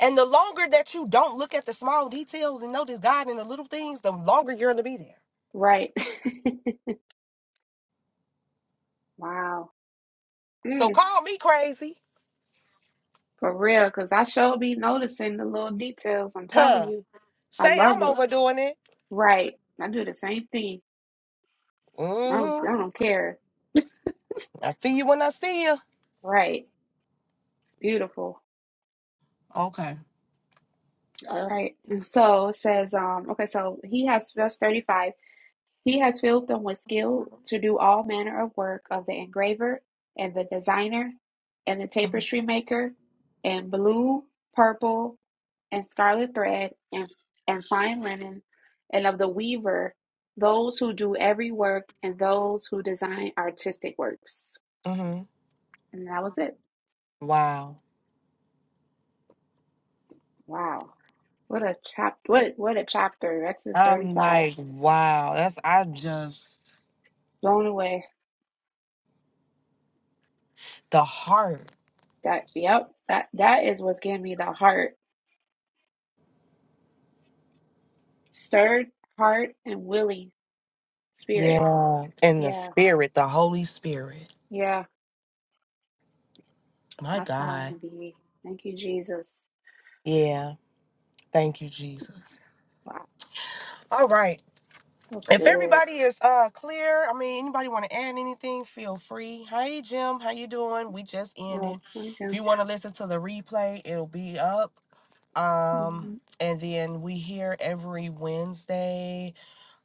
And the longer that you don't look at the small details and notice God in the little things, the longer you're going to be there. Right. Wow. So Mm, call me crazy. for real, because I sure be noticing the little details. I'm telling Huh. you, I Say love I'm it. overdoing it. Right. I do the same thing. I don't, Mm-hmm. I don't care. I see you when I see you. Right. It's beautiful. Okay. All right. And so it says, um, okay, so he has verse 35. He has filled them with skill to do all manner of work of the engraver and the designer and the tapestry maker and blue, purple, and scarlet thread and, and fine linen and of the weaver, those who do every work and those who design artistic works. Mm-hmm. And that was it. Wow. Wow. What a chap what what a chapter. Exodus thirty I'm five. like, wow. That's, I just, Blown away. the heart. That yep, that that is what's giving me the heart. Stirred heart and willing Spirit. Yeah. And the Yeah. spirit, the Holy Spirit. Yeah. My That's where I want God. to be. Thank you, Jesus. Yeah. Thank you, Jesus. Wow. All right. That's If good. everybody is uh clear, I mean anybody want to add anything, feel free. Hey Jim, how you doing? We just Oh, ended. hi, If you Jim. want to listen to the replay, it'll be up. Um hmm and then we here every Wednesday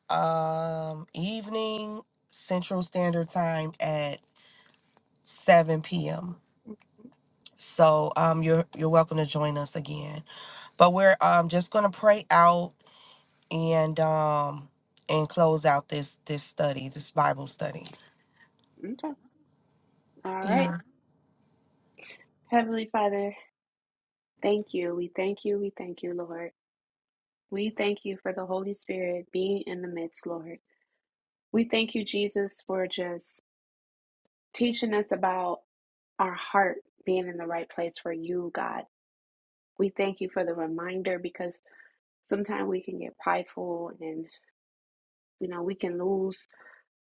um evening Central Standard Time at 7 p.m. So um you're you're welcome to join us again. But we're um just gonna pray out and um and close out this this study, this Bible study. Okay. All right. Yeah. Heavenly Father, thank you. We thank you. We thank you, Lord. We thank you for the Holy Spirit being in the midst, Lord. We thank you, Jesus, for just teaching us about our heart being in the right place for you, God. We thank you for the reminder because sometimes we can get prideful and you know we can lose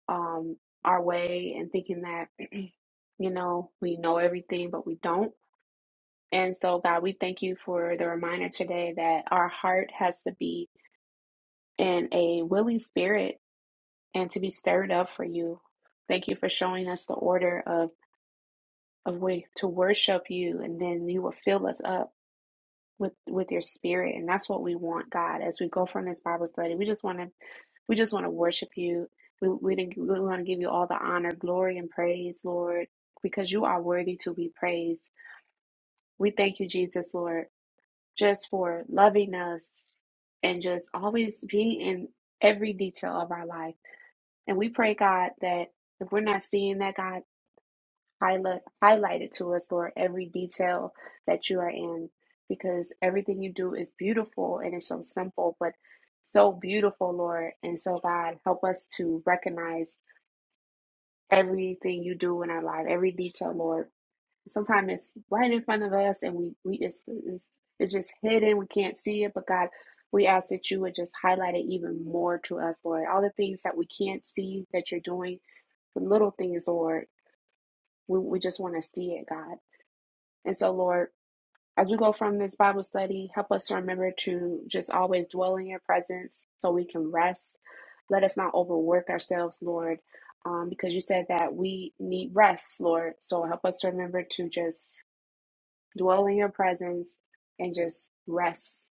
um, our way and thinking that you know we know everything, but we don't. And so, God, we thank you for the reminder today that our heart has to be in a willing spirit and to be stirred up for you. Thank you for showing us the order of of way to worship you, and then you will fill us up with with your spirit, and that's what we want, God. As we go from this Bible study, we just want to we just want to worship you. We we, we want to give you all the honor, glory, and praise, Lord, because you are worthy to be praised. We thank you, Jesus, Lord, just for loving us and just always being in every detail of our life. And we pray, God, that if we're not seeing that, God. Highlight, highlight it to us, Lord, every detail that you are in, because everything you do is beautiful and it's so simple, but so beautiful, Lord. And so, God, help us to recognize everything you do in our life, every detail, Lord. Sometimes it's right in front of us, and we we it's it's, it's just hidden. We can't see it, but God. We ask that you would just highlight it even more to us, Lord. All the things that we can't see that you're doing, the little things, Lord, we, we just want to see it, God. And so, Lord, as we go from this Bible study, help us to remember to just always dwell in your presence so we can rest. Let us not overwork ourselves, Lord, um, because you said that we need rest, Lord. So help us to remember to just dwell in your presence and just rest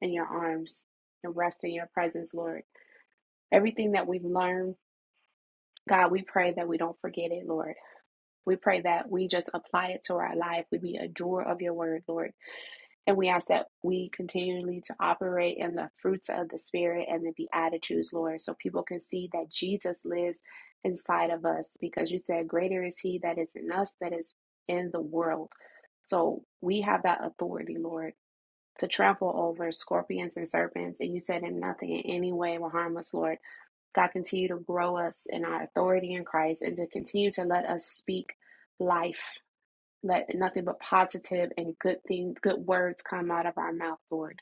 in your arms and rest in your presence, Lord. Everything that we've learned, God, we pray that we don't forget it, Lord. We pray that we just apply it to our life. We be a doer of your word, Lord And we ask that we continually to operate in the fruits of the Spirit and the Beatitudes, Lord, so people can see that Jesus lives inside of us because you said, Greater is He that is in us that is in the world. So we have that authority, Lord, to trample over scorpions and serpents. And you said, And nothing in any way will harm us, Lord. God, continue to grow us in our authority in Christ and to continue to let us speak life let nothing but positive and good things, good words come out of our mouth, Lord,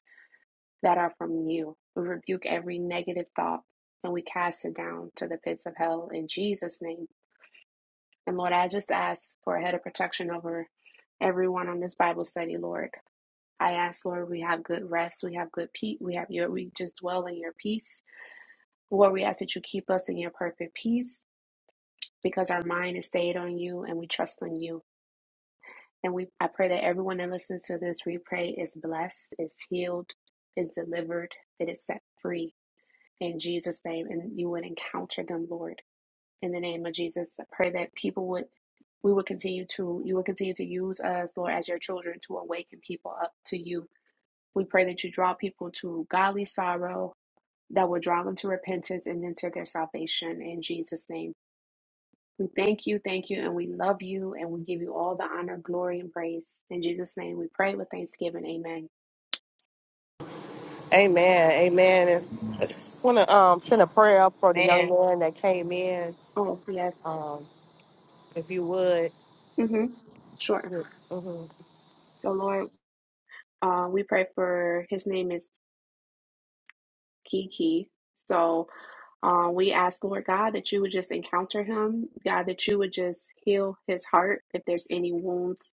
that are from you. We rebuke every negative thought and we cast it down to the pits of hell in Jesus' name. And Lord, I just ask for a head of protection over everyone on this Bible study, Lord. I ask, Lord, we have good rest, we have good peace, we have your, we just dwell in your peace. Lord, we ask that you keep us in your perfect peace because our mind is stayed on you and we trust in you. And we I pray that everyone that listens to this replay is blessed, is healed, is delivered, that is set free in Jesus' name. And you would encounter them, Lord, in the name of Jesus. I pray that people would we would continue to you will continue to use us, Lord, as your children to awaken people up to you. We pray that you draw people to godly sorrow that will draw them to repentance and then to their salvation in Jesus' name. We thank you, thank you, and we love you, and we give you all the honor, glory, and praise. In Jesus' name we pray with thanksgiving. Amen. Amen. Amen. And want to um send a prayer up for the young Yeah. man that came in. Oh, yes. Um, if you would. Mm-hmm. Sure. Mhm. So, Lord, uh, we pray for his name is Kiki. So, uh, we ask, Lord God, that you would just encounter him, God, that you would just heal his heart if there's any wounds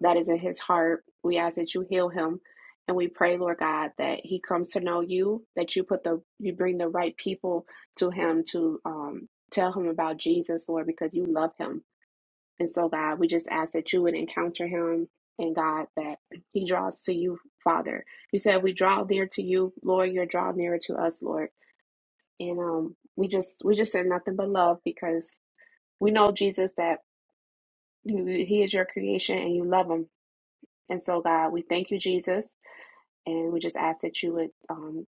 that is in his heart. We ask that you heal him. And we pray, Lord God, that he comes to know you, that you put the you bring the right people to him to um, tell him about Jesus, Lord, because you love him. And so, God, we just ask that you would encounter him and God that he draws to you, Father. You said we draw near to you, Lord, you're draw nearer to us, Lord. And um we just we just said nothing but love because we know Jesus that you, he is your creation and you love him. And so, God, we thank you, Jesus. And we just ask that you would um,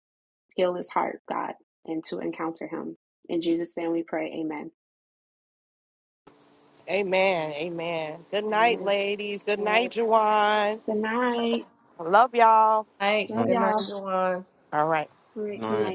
heal his heart, God, and to encounter him. In Jesus' name we pray. Amen. Amen. Amen. Good night, Amen. ladies. Good All night, right. Juwan. Good night. I love y'all. All right. Love Good night, y'all. everyone. All right. All right. Good Night. night.